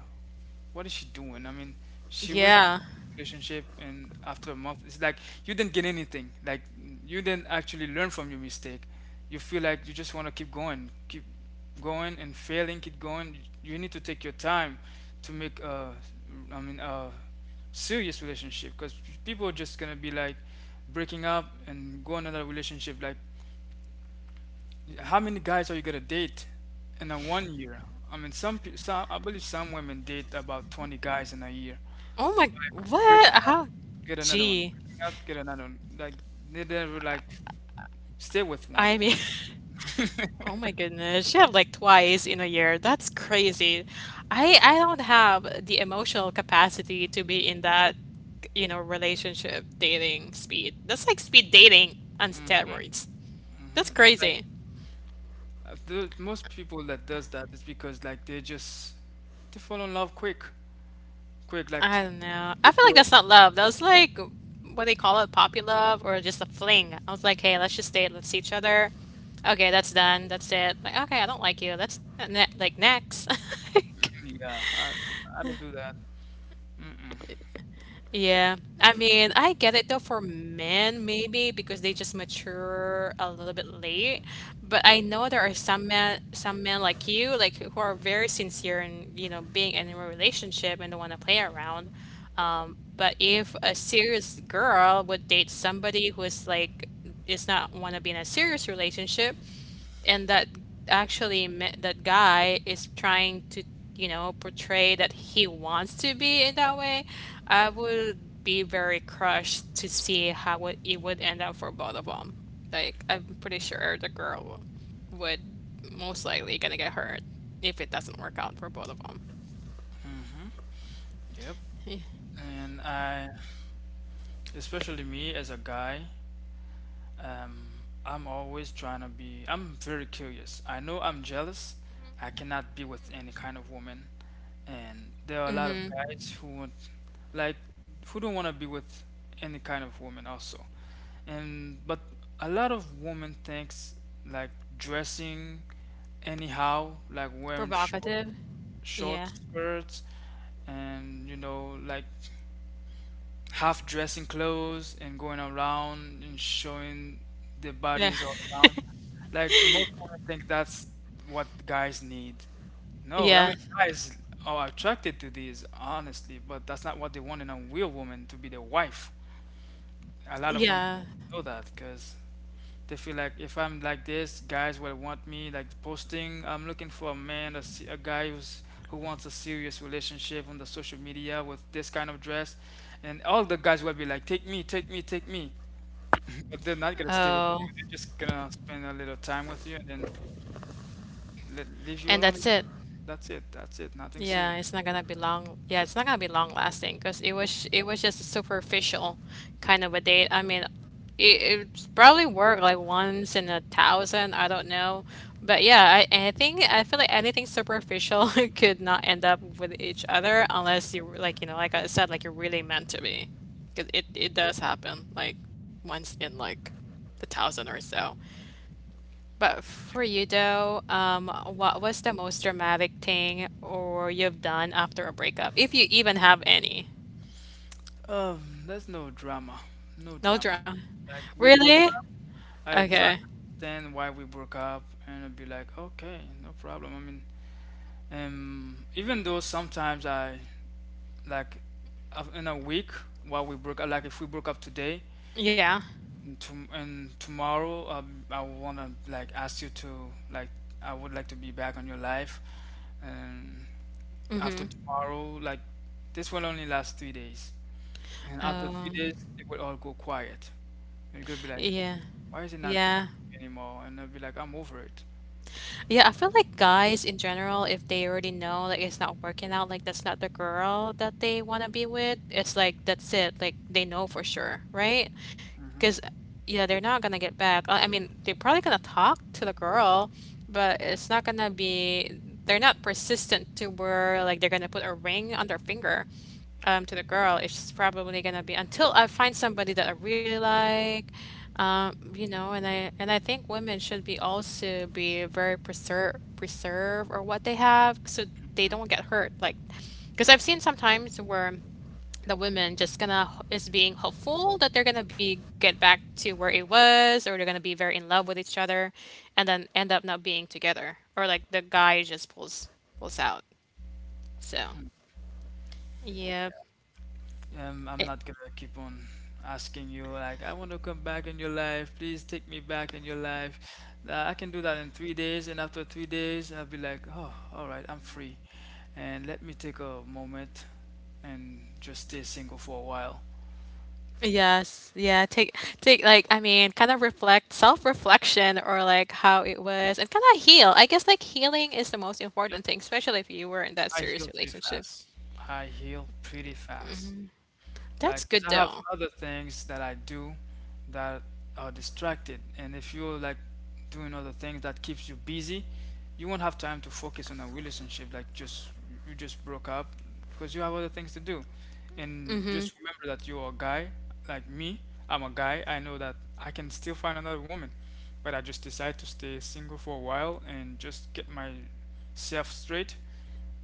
B: what is she doing? I mean, she was in
A: Yeah.
B: a relationship, and after a month, it's like you didn't get anything. Like you didn't actually learn from your mistake. You feel like you just want to keep going, keep going and failing, keep going. You need to take your time to make a, I mean, a serious relationship because people are just gonna be like breaking up and go another relationship. Like, how many guys are you gonna date in a one year? I mean, some, pe- some I believe some women date about twenty guys in a year.
A: Oh my,
B: Like
A: what?
B: breaking up,
A: How?
B: get another one.
A: Gee.
B: Breaking up, get another one. Like they never like stay with
A: I
B: one.
A: mean, (laughs)
B: (laughs) hmm
A: oh my goodness, you have like twice in a year. That's crazy. I I don't have the emotional capacity to be in that, you know, relationship dating speed. That's like speed dating on steroids. That's
B: hmm It's like
A: crazy.
B: uh, the, most people that does that is because like they just they fall in love quick, quick like s-
A: I don't know.
B: a
A: I
B: few
A: feel like
B: words.
A: that's not love. That was like what they call it, puppy love or just a fling. I was like, hey, let's just date, let's see each other. Okay, that's done. That's it. Like, okay, I don't like you. That's ne like next. (laughs)
B: Yeah, I, I don't do that. Mm-mm.
A: Yeah, I mean, I get it though for men maybe because they just mature a little bit late. But I know there are some men, some men like you, like who are very sincere and you know being in a relationship and don't want to play around. Um, but if a serious girl would date somebody who's like is not want to be in a serious relationship, and that actually me- that guy is trying to, you know, portray that he wants to be in that way, I would be very crushed to see how it, it would end up for both of them. Like I'm pretty sure the girl would most likely gonna get hurt if it doesn't work out for both of them.
B: Hmm. Yep. And I, especially me as a guy, Um, I'm always trying to be. I'm very curious. I know I'm jealous. I cannot be with any kind of woman, and there are a lot of guys who want, like, who don't want to be with any kind of woman also. And but a lot of women thinks like dressing anyhow, like wearing short
A: Provocative.
B: short
A: Yeah,
B: skirts, and you know like half dressing clothes and going around and showing their
A: yeah.
B: bodies all around. Like most women think that's what guys need. No, I mean
A: (laughs) Yeah,
B: guys are attracted to these, honestly, but that's not what they want in a real woman to be their wife. A lot of women
A: yeah.
B: know that because they feel like if I'm like this, guys will want me. Like posting, I'm looking for a man, a, a guy who's who wants a serious relationship on the social media with this kind of dress, and all the guys will be like, "Take me, take me, take me," (laughs) but they're not gonna stay with
A: Oh,
B: you. They're just gonna spend a little time with you and then let, leave
A: and
B: you
A: that's
B: alone.
A: it.
B: That's it. That's it. Nothing
A: Yeah,
B: serious.
A: it's not gonna be long. Yeah, it's not gonna be long lasting because it was it was just a superficial kind of a date. I mean, it it's probably worked like once in a thousand. I don't know, but yeah, I I think I feel like anything superficial (laughs) could not end up with each other unless you like you know like I said like you're really meant to be, because it it does happen like once in like a thousand or so. But for you though, um, what was the most dramatic thing or you've done after a breakup? If you even have any.
B: Um, there's no drama. No
A: No
B: drama.
A: drama.
B: Like we broke.
A: Really?
B: I try to
A: Okay.
B: understand why we broke up, and I'd be like, okay, no problem. I mean, um, even though sometimes I like af- in a week while we broke, like if we broke up today,
A: Yeah.
B: to, and tomorrow um, I wanna like ask you to like I would like to be back on your life, and after tomorrow, like this will only last three days, and after three
A: Um,
B: days it will all go quiet. And it could be like,
A: yeah.
B: why is it not
A: Yeah.
B: texting me anymore? And I'll be like, I'm over it.
A: Yeah, I feel like guys in general, if they already know like it's not working out, like that's not the girl that they want to be with, it's like that's it. Like they know for sure, right? Because,
B: Hmm
A: yeah, they're not gonna get back. Uh, I mean, they're probably gonna talk to the girl, but it's not gonna be, they're not persistent to where, like, they're gonna put a ring on their finger, um, to the girl. It's just probably gonna be until I find somebody that I really like, um, you know, and I and I think women should be also be very preserve preserve or what they have so they
B: Mhm.
A: don't get hurt. Like, because I've seen sometimes where the women just gonna is being hopeful that they're gonna be get back to where it was or they're gonna be very in love with each other and then end up not being together, or like the guy just pulls pulls out. So yeah.
B: Um, I'm not gonna keep on asking you like I want to come back in your life. Please take me back in your life. Uh, I can do that in three days, and after three days, I'll be like, oh, all right, I'm free, and let me take a moment and just stay single for a while.
A: Yes, yeah, take take like I mean kind of reflect self-reflection or like how it was and kind of heal, I guess. Like healing is the most
B: Yep,
A: important thing, especially if you were in that
B: I
A: serious
B: heal pretty
A: relationship.
B: fast. I heal pretty fast. Like,
A: That's
B: 'cause I
A: good
B: have
A: though.
B: other things that I do that are distracted, and if you're like doing other things that keeps you busy, you won't have time to focus on a relationship. Like, just you just broke up because you have other things to do, and just remember that you're a guy like me. I'm a guy. I know that I can still find another woman, but I just decide to stay single for a while and just get myself straight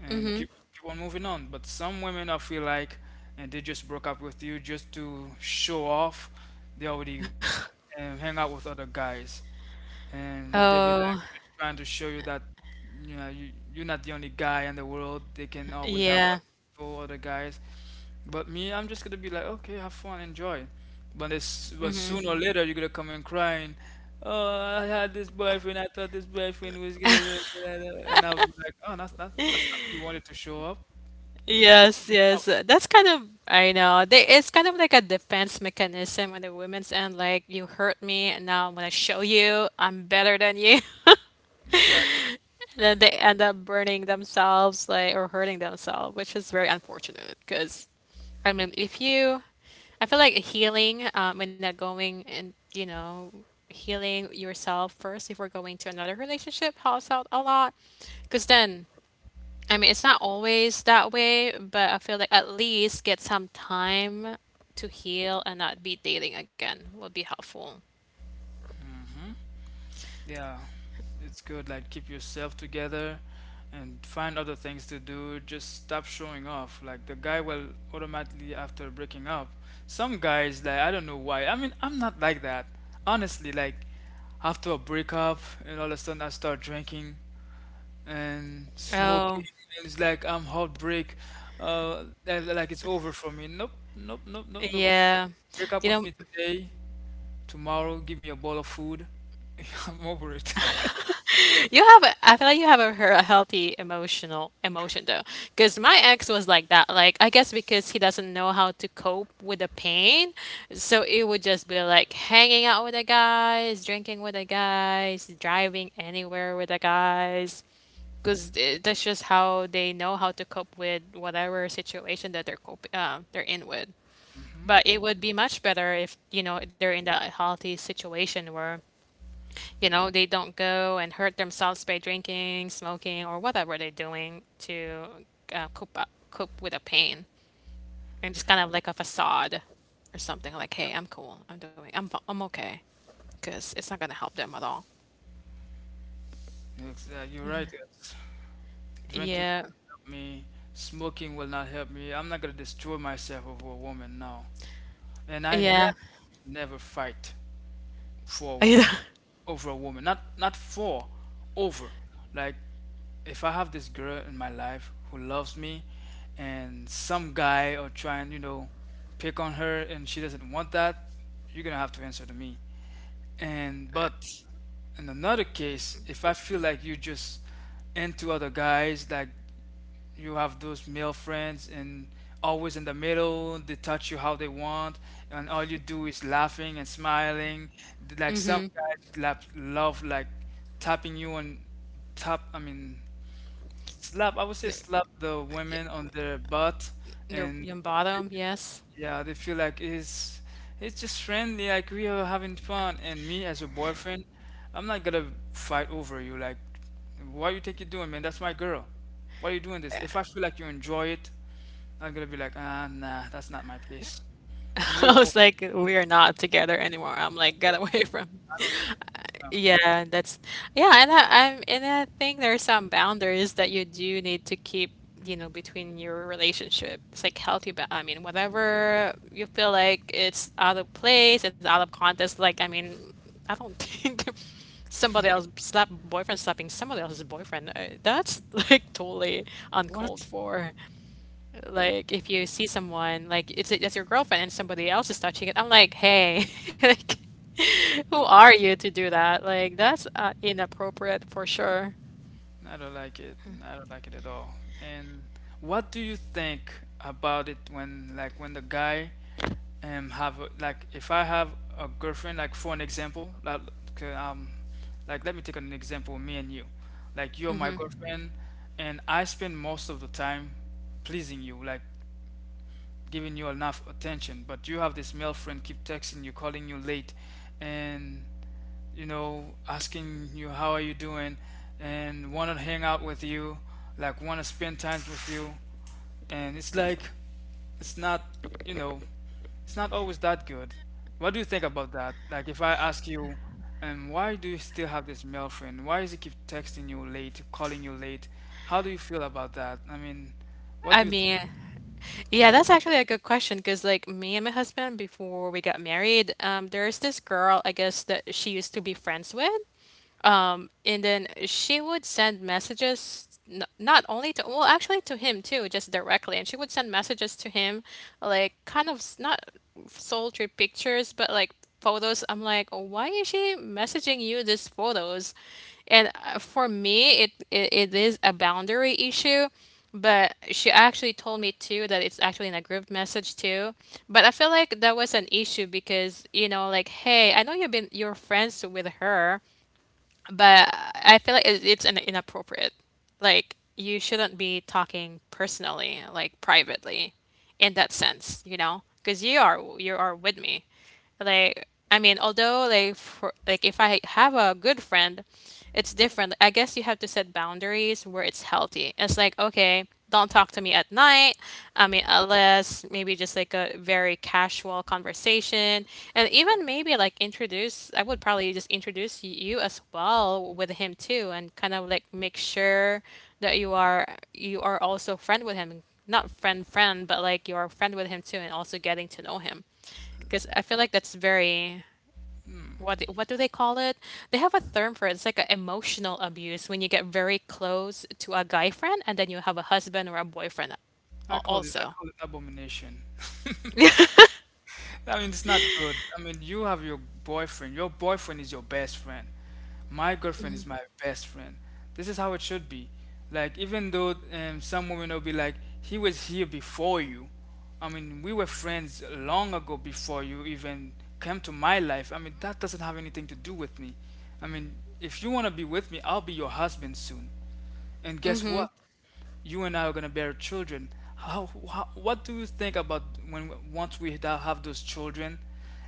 B: and keep keep on moving on. But some women, I feel like, and they just broke up with you just to show off. They already um, hang out with other guys and they- will be
A: Oh,
B: like just trying to show you that you know you you're not the only guy in the world. They can always have
A: yeah.
B: other people, other guys. But me, I'm just gonna be like, okay, have fun, enjoy. But it's but sooner or later you're gonna come and crying. Oh, I had this boyfriend. I thought this boyfriend was gonna, da- da- da," da," and I'll be like, oh, that's not that's not you wanted to show up. Sh- keep
A: Yes,
B: showing up.
A: yes. uh, That's kind of, I know. They, it's kind of like a defense mechanism on the women's end. Like, you hurt me, and now I'm gonna show you I'm better than you. (laughs)
B: Exactly.
A: And then they end up burning themselves, like, or hurting themselves, which is very unfortunate. Because, I mean, if you, I feel like healing, um, and not going and, you know, healing yourself first before going to another relationship helps out a lot. Because then, I mean, it's not always that way, but I feel like at least get some time to heal and not be dating again would be helpful.
B: Yeah, it's good. Like, keep yourself together and find other things to do. Just stop showing off. Like, the guy will automatically, after breaking up, some guys, like, I don't know why. I mean, I'm not like that. Honestly, like, after a breakup, and all of a sudden I start drinking and
A: Oh,
B: smoking. And it's like I'm heartbreak. Uh, and, like, it's over for me. Nope, nope, nope, nope, nope.
A: yeah.
B: Break up
A: You
B: with me
A: know,
B: today. Tomorrow, give me a bowl of food. (laughs) I'm over it.
A: (laughs) you have a, I feel like you have a, her- a healthy emotional emotion though, because my ex was like that. Like, I guess because he doesn't know how to cope with the pain, so it would just be like hanging out with the guys, drinking with the guys, driving anywhere with the guys. Because that's just how they know how to cope with whatever situation that they're cop uh, they're in with. But
B: (laughs)
A: it would be much better if, you know, they're in that healthy situation where, you know, they don't go and hurt themselves by drinking, smoking, or whatever they're doing to uh, cope up, cope with the pain. And just kind of like a facade or something like, hey, I'm cool. I'm doing, I'm, fi- I'm okay. Because it's not going to help them at all.
B: Exactly, you're right. Yes.
A: Yeah.
B: Drinking
A: Yeah. (laughs)
B: will not help me. Smoking will not help me. I'm not gonna destroy myself over a woman now. And I never, never fight for a
A: Yeah.
B: woman, over a woman. Not not for, over. Like, if I have this girl in my life who loves me, and some guy or trying, you know, pick on her, and she doesn't want that, you're gonna have to answer to me. And but in another case, if I feel like you're just into other guys, like you have those male friends and always in the middle, they touch you how they want, and all you do is laughing and smiling. Like some guys lap, love like tapping you on tap, I mean slap, I would say slap the women on their butt
A: Their
B: and
A: your bottom, yes.
B: yeah, they feel like it's it's just friendly, like we are having fun. And me as a boyfriend, I'm not gonna fight over you. Like, why you think you're doing, man? That's my girl. Why are you doing this? If I feel like you enjoy it, I'm gonna be like, ah, nah, that's not my place. And
A: (laughs)
B: we're
A: I
B: all,
A: was like, we are not together anymore. I'm
B: yeah,
A: like, get
B: we're all.
A: away (laughs) from.
B: I don't care. No.
A: Yeah, that's yeah, and I, I'm and I think there are some boundaries that you do need to keep, you know, between your relationship. It's like healthy, but I mean, whatever you feel like it's out of place, it's out of context. Like, I mean, I don't (laughs) think somebody else slap boyfriend slapping somebody else's boyfriend. uh, That's (laughs) like totally uncalled
B: What?
A: for. Like if you see someone, like it's that's your girlfriend and somebody else is touching it, I'm like, hey, (laughs) like who are you to do that? Like that's uh, inappropriate for sure.
B: I don't like it. I don't like it at all. And what do you think about it when like when the guy um have a, like if I have a girlfriend like for an example like c- um like let me take an example me and you, like you're my girlfriend and I spend most of the time pleasing you like giving you enough attention, but you have this male friend keep texting you, calling you late and you know, asking you how are you doing and want to hang out with you, like want to spend time with you. And it's like, it's not, you know, it's not always that good. What do you think about that? Like if I ask you, um, why do you still have this male friend? Why is he keep texting you late, calling you late? How do you feel about that? I mean, what
A: I
B: do you?
A: mean, yeah, that's actually a good question because like me and my husband before we got married, um, there's this girl I guess that she used to be friends with. Um, and then she would send messages n- not only to, well, actually to him too, just directly. And she would send messages to him, like kind of s- not sultry pictures, but like photos. I'm like, why is she messaging you these photos? And uh, for me, it, it it is a boundary issue. But she actually told me too that it's actually in a group message too. But I feel like that was an issue because, you know, like, hey, I know you've been you're friends with her, but I feel like it- it's an inappropriate. Like you shouldn't be talking personally, like privately, in that sense, you know, because you are you are with me. Like I mean, although like for like if I have a good friend it's different. I guess you have to set boundaries where it's healthy. It's like, okay, don't talk to me at night. I mean, unless maybe just like a very casual conversation. And even maybe like introduce, I would probably just introduce y- you as well with him too and kind of like make sure that you are you are also friend with him. Not friend friend, but like you are friend with him too and also getting to know him because I feel like that's very what what do they call it? They have a term for it. It's like an emotional abuse when you get very close to a guy friend and then you have a husband or a boyfriend
B: I
A: al-
B: call it, I
A: also.
B: call it abomination. I mean, it's not good. I mean, you have your boyfriend. Your boyfriend is your best friend. My girlfriend is my best friend. This is how it should be. Like, even though um, some women will be like, he was here before you. I mean, we were friends long ago before you even came to my life. I mean, that doesn't have anything to do with me. I mean, if you want to be with me, I'll be your husband soon. And guess what? You and I are gonna bear children. How, how what do you think about when once we da- have those children,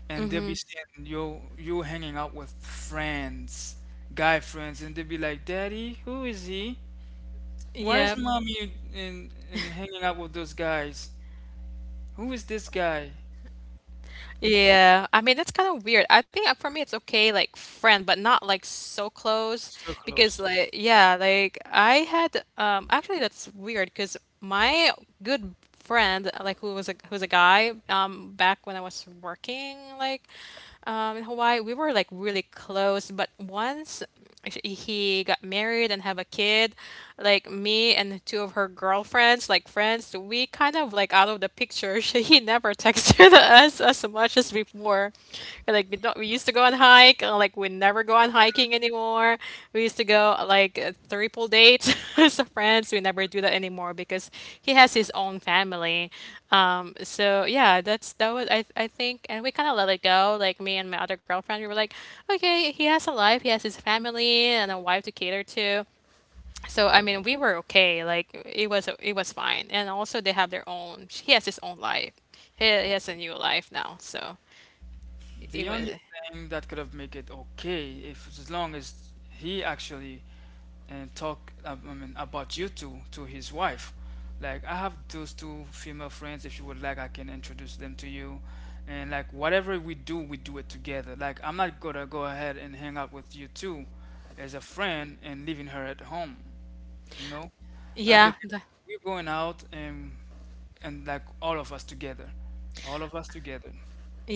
B: and they'll be saying you you hanging out with friends, guy friends, and they'll be like, Daddy, who is he? Why is
A: Yeah.
B: mommy in, in hanging out with those guys? Who is this guy?
A: Yeah, I mean that's kind of weird. I think uh, for me it's okay, like friend, but not like so close
B: So
A: because
B: close.
A: like yeah, like I had um actually that's weird because my good friend uh, like who was a who's a guy um back when I was working like um in Hawaii we were like really close, but once sh- he got married and have a kid like me and two of her girlfriends like friends we kind of like out of the picture (laughs) she, he never texted (laughs) us as much as before like we don't we used to go on hike uh, like we never go on hiking anymore we used to go like a triple date (laughs) as friends. We never do that anymore because he has his own family. Um, so yeah, that's that was I I think, and we kind of let it go. Like me and my other girlfriend, we were like, okay, he has a life, he has his family and a wife to cater to. So I mean, we were okay. Like it was it was fine. And also, they have their own. He has his own life. He, he has a new life now. So
B: The
A: it was
B: only thing that could have made it okay, if as long as he actually and talk, I mean about you two to his wife. Like I have those two female friends. If you would like, I can introduce them to you. And like whatever we do, we do it together. Like I'm not gonna go ahead and hang out with you two as a friend and leaving her at home. No, I could be
A: yeah,
B: like
A: the,
B: we're going out and and like all of us together, all of us together,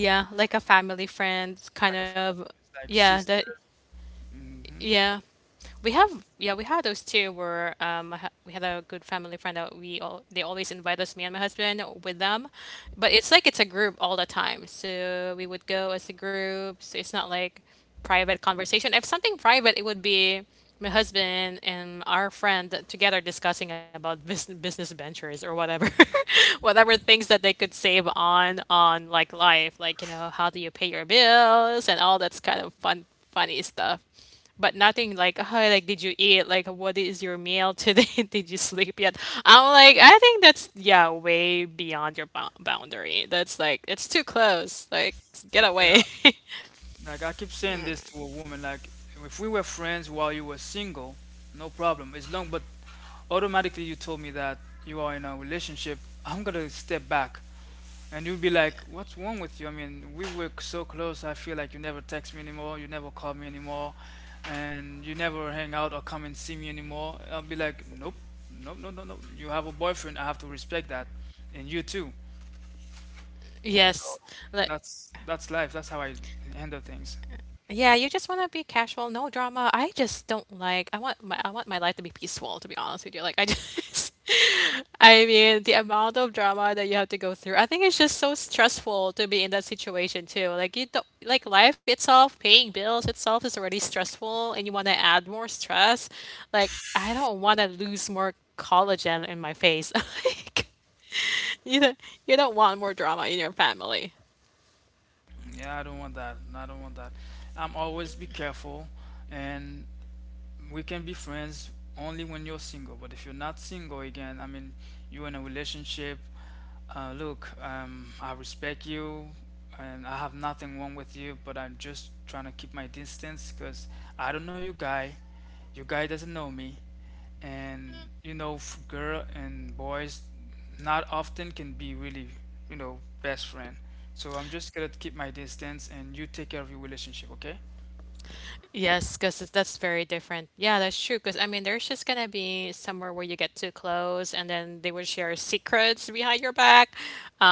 A: yeah, like a family friend
B: like a
A: kind
B: family,
A: of.
B: like
A: Yeah, that.
B: sisters. Hmm
A: Yeah. We have, yeah, we had those two where um I ha we had a good family friend that we all they always invite us, me and my husband, with them. But it's like it's a group all the time. So we would go as a group. So it's not like private conversation. If something private, it would be my husband and our friend together discussing about business business ventures or whatever, (laughs) whatever things that they could save on on like life, like you know, how do you pay your bills and all that's kind of fun funny stuff but nothing like, hi, like, did you eat? Like, what is your meal today? (laughs) Did you sleep yet? I'm like, I think that's, yeah, way beyond your bou- boundary. That's like, it's too close. Like, get
B: Yeah,
A: away. (laughs)
B: like I keep saying this to a woman, like if we were friends while you were single, no problem. As long but automatically you told me that you are in a relationship, I'm gonna step back. And you'll be like, What's wrong with you? I mean, we were so close, I feel like you never text me anymore, you never call me anymore, and you never hang out or come and see me anymore. I'll be like, Nope, nope, no, no, no. You have a boyfriend, I have to respect that. And you too. So
A: Yes.
B: that's that's life, that's how I handle things.
A: Yeah, you just want to be casual, no drama. I just don't like. I want my I want my life to be peaceful, to be honest with you. Like I just (laughs) I mean, the amount of drama that you have to go through. I think it's just so stressful to be in that situation too. Like you don't like life itself, paying bills itself is already stressful and you want to add more stress. Like I don't want to lose more collagen in my face. (laughs) Like you don't, you don't want more drama in your family.
B: Yeah, I don't want that. I don't want that. I'm always be careful and we can be friends only when you're single. But if you're not single again, I mean, you're in a relationship. Uh, look, um, I respect you and I have nothing wrong with you, but I'm just trying to keep my distance because I don't know you guy. Your guy doesn't know me. And, you know, f- girl and boys not often can be really, you know, best friend. So I'm just gonna keep my distance and you take care of your relationship, okay?
A: Yes, because that's very different. Yeah, that's true. Because I mean, there's just gonna be somewhere where you get too close, and then they will share secrets behind your back.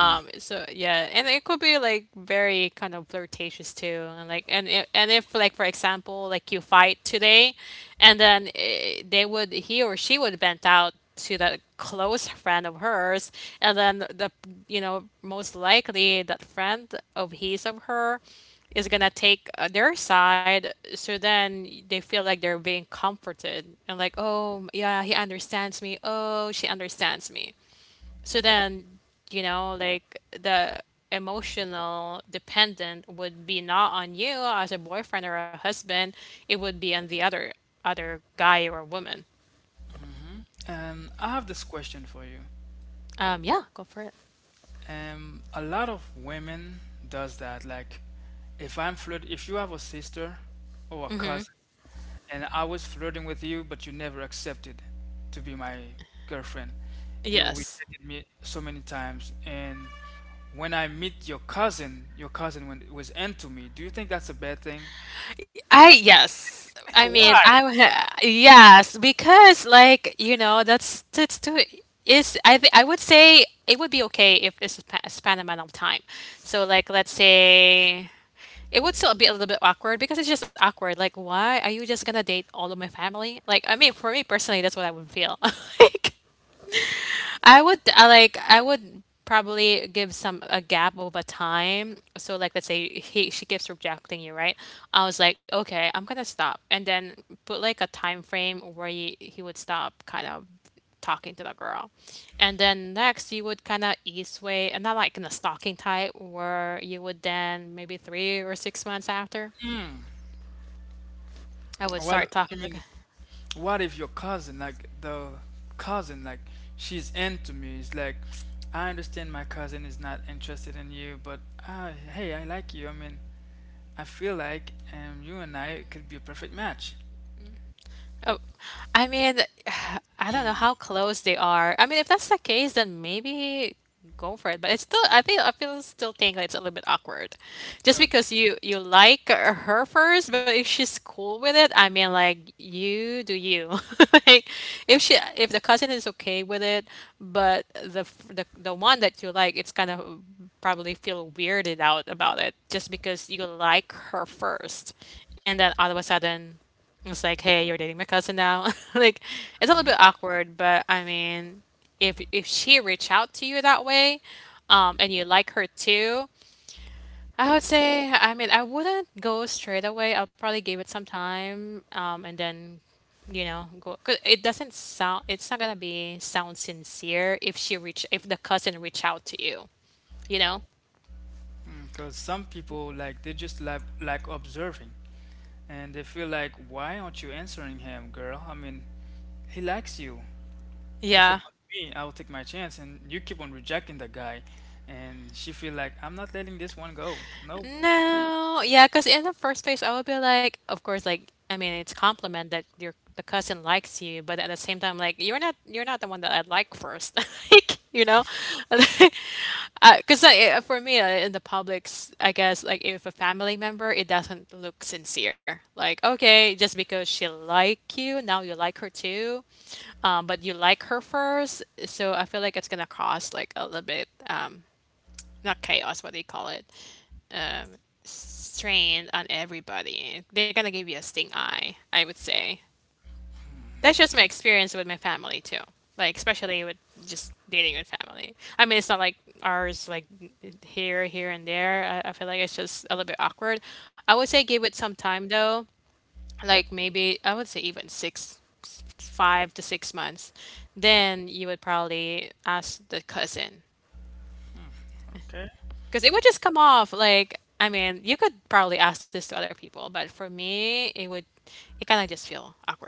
B: Mm.
A: so yeah, and it could be like very kind of flirtatious too, and like and if, and if like for example, like you fight today, and then eh, they would he or she would vent out to that close friend of hers and then the you know most likely that friend of his of her is gonna take uh, their side so then they feel like they're being comforted and like oh yeah he understands me oh she understands me so then you know like the emotional dependent would be not on you as a boyfriend or a husband it would be on the other other guy or woman.
B: Um, I have this question for you.
A: Um, yeah, go for it.
B: Um, a lot of women does that. Like, if I'm flirt, if you have a sister or a cousin, and I was flirting with you, but you never accepted to be my girlfriend, you
A: Yes.
B: rejected me so many times. And when I meet your cousin, your cousin when was into me. Do you think that's a bad thing?
A: I yes.
B: (laughs)
A: I mean,
B: Why?
A: I would- yes, because like, you know, that's that's too is I th I would say it would be okay if this is pa- a span amount of time. So like let's say it would still be a little bit awkward because it's just awkward. Like, why are you just gonna date all of my family? Like, I mean, for me personally, that's what I would feel. (laughs) Like I would I like I would probably give some a gap over time. So like let's say he she keeps rejecting you, right? I was like, okay, I'm gonna stop, and then put like a time frame where he, he would stop kind of talking to the girl, and then next you would kind of ease way, and not like in a stalking type where you would then maybe three or six months after
B: Mm.
A: I would
B: Well,
A: start
B: I
A: talking to the guy.
B: mean, what if your cousin like the cousin like she's into me, it's like I understand my cousin is not interested in you, but uh, hey, I like you. I mean, I feel like um, you and I could be a perfect match.
A: Oh, I mean, (sighs) I don't know how close they are. I mean, if that's the case, then maybe go for it. But it's still, I think, I feel still think that it's a little bit awkward, just because you you like her first. But if she's cool with it, I mean, like you do you. (laughs) Like if she, if the cousin is okay with it, but the f- the the one that you like, it's kind of probably feel weirded out about it, just because you like her first, and then all of a sudden. It's like, hey, you're dating my cousin now. (laughs) Like, it's a little bit awkward, but I mean, if if she reach out to you that way, um, and you like her too, I would say, I mean, I wouldn't go straight away. I'll probably give it some time, um, and then, you know, go. Cause it doesn't sound. It's not gonna be sound sincere if she reach if the cousin reach out to you. You know?
B: Because some people like they just like like observing, and they feel like why aren't you answering him, girl? I mean, he likes you. If it
A: Yeah.
B: was me, I would take my chance. And you keep on rejecting the guy, and she feel like I'm not letting this one go. No.
A: No, yeah, because in the first place, I would be like, of course, like I mean, it's compliment that your the cousin likes you, but at the same time, like you're not you're not the one that I like first, (laughs) like you know, (laughs) because uh, for me uh, in the publics, I guess like if a family member, it doesn't look sincere. Like okay, just because she like you, now you like her too, um, but you like her first, so I feel like it's gonna cause like a little bit um not chaos, what do you call it? Uh, Strain on everybody. They're gonna give you a sting eye, I would say. That's just my experience with my family too. Like especially with just dating with family. I mean, it's not like ours like here, here and there. I, I feel like it's just a little bit awkward. I would say give it some time though. Like maybe I would say even six, s- five to six months. Then you would probably ask the cousin. Because it would just come off like, I mean, you could probably ask this to other people, but for me, it would, it kind of just feel awkward.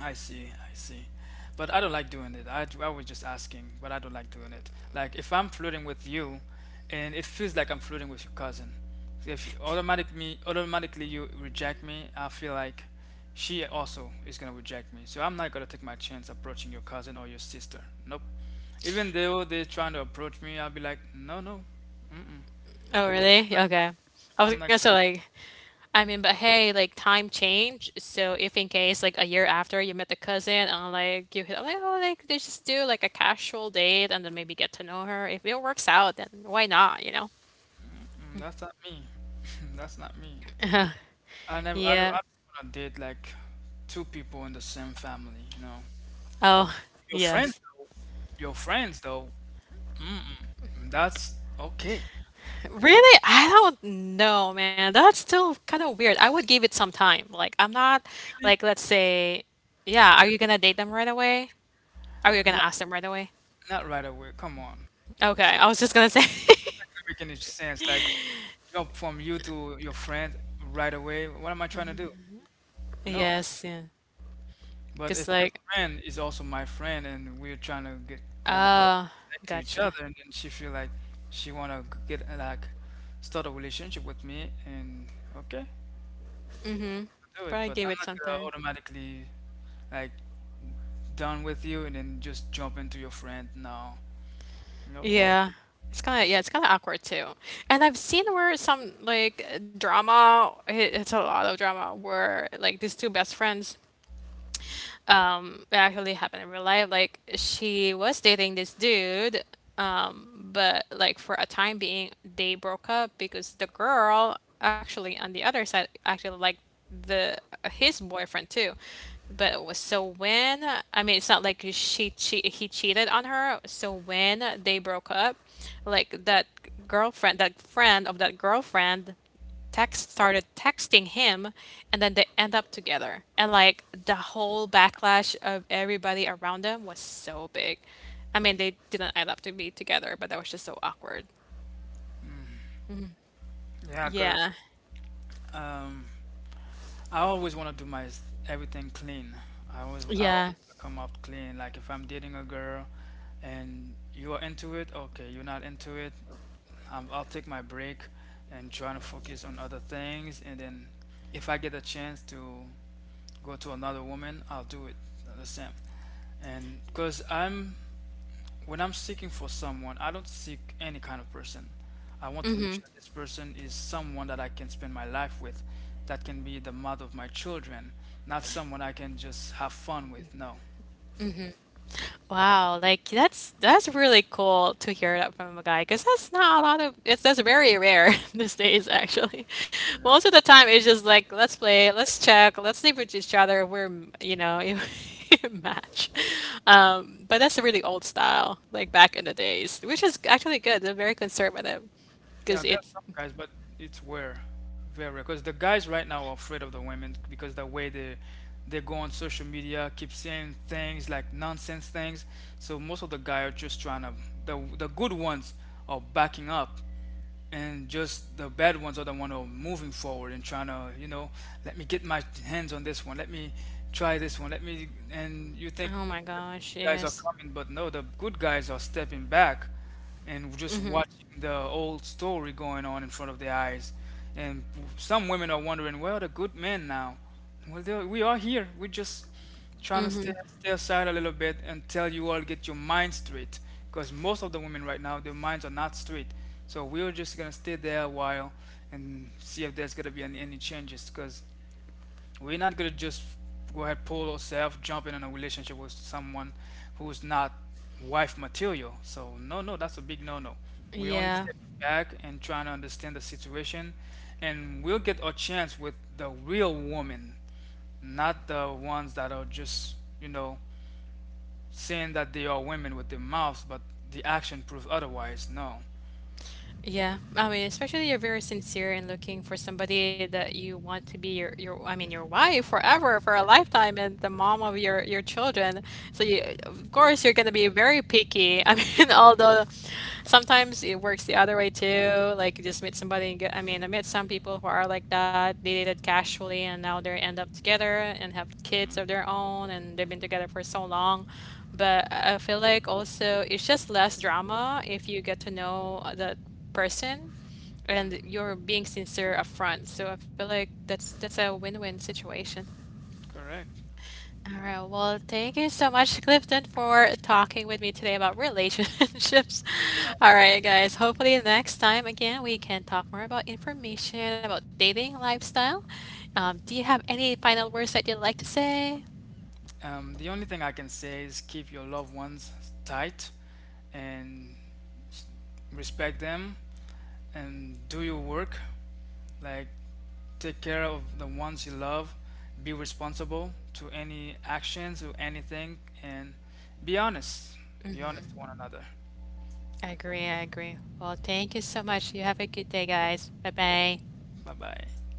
B: I see, I see. But I don't like doing it. I, I was just asking, but I don't like doing it. Like if I'm flirting with you, and it feels like I'm flirting with your cousin, if you automatically automatically you reject me, I feel like she also is gonna reject me. So I'm not gonna take my chance approaching your cousin or your sister. Nope. Even though they're trying to approach me, I'll be like, no, no, mm-mm.
A: Oh, really? Okay. I was
B: I'm
A: gonna
B: not.
A: say like, I mean, but hey, like time change. So if in case like a year after you met the cousin and like you hit like oh like they just do like a casual date and then maybe get to know her. If it works out, then why not? You know?
B: Mm, that's not me. (laughs) That's not me. I never, I
A: Yeah.
B: don't, I don't want to date like two people in the same family, you know.
A: Oh, (laughs)
B: Your friends,
A: yes.
B: though, your friends, though, that's okay.
A: Really? I don't know, man. That's still kind of weird. I would give it some time. Like, I'm not,
B: Really?
A: like, let's say, yeah, are you gonna date them right away? Are you gonna
B: Not,
A: ask them right away?
B: not right away. Come on.
A: Okay,
B: It's not,
A: I was just gonna say.
B: it's
A: (laughs)
B: not gonna make any sense. Like, jump from you to your friend right away. What am I trying to do? No.
A: Yes, yeah. Because,
B: But if
A: like,
B: your friend is also my friend and we're trying to get conne- like
A: uh,
B: connect to each other,
A: gotcha.
B: and then she feel like she wanna g- get uh, like start a relationship with me, and okay, do it,
A: Probably
B: but
A: give
B: I'm
A: it
B: not
A: some
B: gonna
A: time.
B: automatically like done with you and then just jump into your friend. No, nope, no.
A: Yeah. It's kind of, yeah, it's kind of awkward too. And I've seen where some, like, drama, it, it's a lot of drama where, like, these two best friends. Um, it actually happened in real life. Like she was dating this dude, um, but like for a time being, they broke up because the girl actually on the other side actually liked the his boyfriend too. But it was so when I mean it's not like she che- he cheated on her. So when they broke up, like that girlfriend, that friend of that girlfriend text started texting him and then they end up together and like the whole backlash of everybody around them was so big. I mean they didn't end up to be together but that was just so awkward.
B: Yeah, cause
A: Yeah.
B: um, I always wanna do my s- everything clean. I always I always
A: Yeah.
B: wanna come up clean. Like if I'm dating a girl, and you are into it, okay. You're not into it. Um, I'll take my break and try to focus on other things. And then if I get a chance to go to another woman, I'll do it the same. And cause I'm When I'm seeking for someone, I don't seek any kind of person. I want to make sure this person is someone that I can spend my life with, that can be the mother of my children, not someone I can just have fun with. No.
A: Wow, like that's that's really cool to hear that from a guy because that's not a lot of it's that's very rare (laughs) these days actually. Most of the time it's just like let's play, let's check, let's see with each other if we're you know (laughs) if we match. Um, but that's a really old style, like back in the days, which is actually good. They're very conservative
B: Yeah,
A: because
B: there are
A: it's
B: some guys, but it's rare, very rare. Because the guys right now are afraid of the women because the way they they go on social media, keep saying things like nonsense things. So most of the guys are just trying to the the good ones are backing up, and just the bad ones are the one who are moving forward and trying to, you know, let me get my hands on this one, let me try this one, let me. And you think
A: oh my
B: the
A: gosh,
B: good guys are
A: yes,
B: coming, but no, the good guys are stepping back and just watching the old story going on in front of their eyes. And some women are wondering, well, the good men now, well, they, we are here, we just trying to stay, stay aside a little bit until you all get your mind straight. Because most of the women right now their minds are not straight, so we're just gonna stay there a while and see if there's gonna be any, any changes. Because we're not gonna just go ahead pull ourselves jump in on a relationship with someone who's not wife material, so no, no, that's a big no no. We're only
A: yeah.
B: stepping back and trying to understand the situation, and we'll get our chance with the real woman, not the ones that are just, you know, saying that they are women with their mouths, but the action proves otherwise. No.
A: Yeah, I mean, especially you're very sincere in looking for somebody that you want to be your, your I mean, your wife forever, for a lifetime, and the mom of your your children. So you, of course, you're gonna be very picky. I mean, (laughs) although sometimes it works the other way too. Like you just meet somebody and get, I mean, I met some people who are like that. They dated casually and now they end up together and have kids of their own, and they've been together for so long. But I feel like also it's just less drama if you get to know that person and you're being sincere upfront. So I feel like that's that's a win-win situation.
B: Correct.
A: All right. Well, thank you so much, Clifton, for talking with me today about relationships. (laughs) All right, guys. Hopefully, next time again, we can talk more about information about dating lifestyle. Um, do you have any final words that you'd like to say?
B: Um, the only thing I can say is keep your loved ones tight, and respect them, and do your work, like take care of the ones you love, be responsible to any actions or anything, and be honest, be honest to one another.
A: I agree. I agree. Well, thank you so much. You have a good day, guys. Bye bye.
B: Bye bye.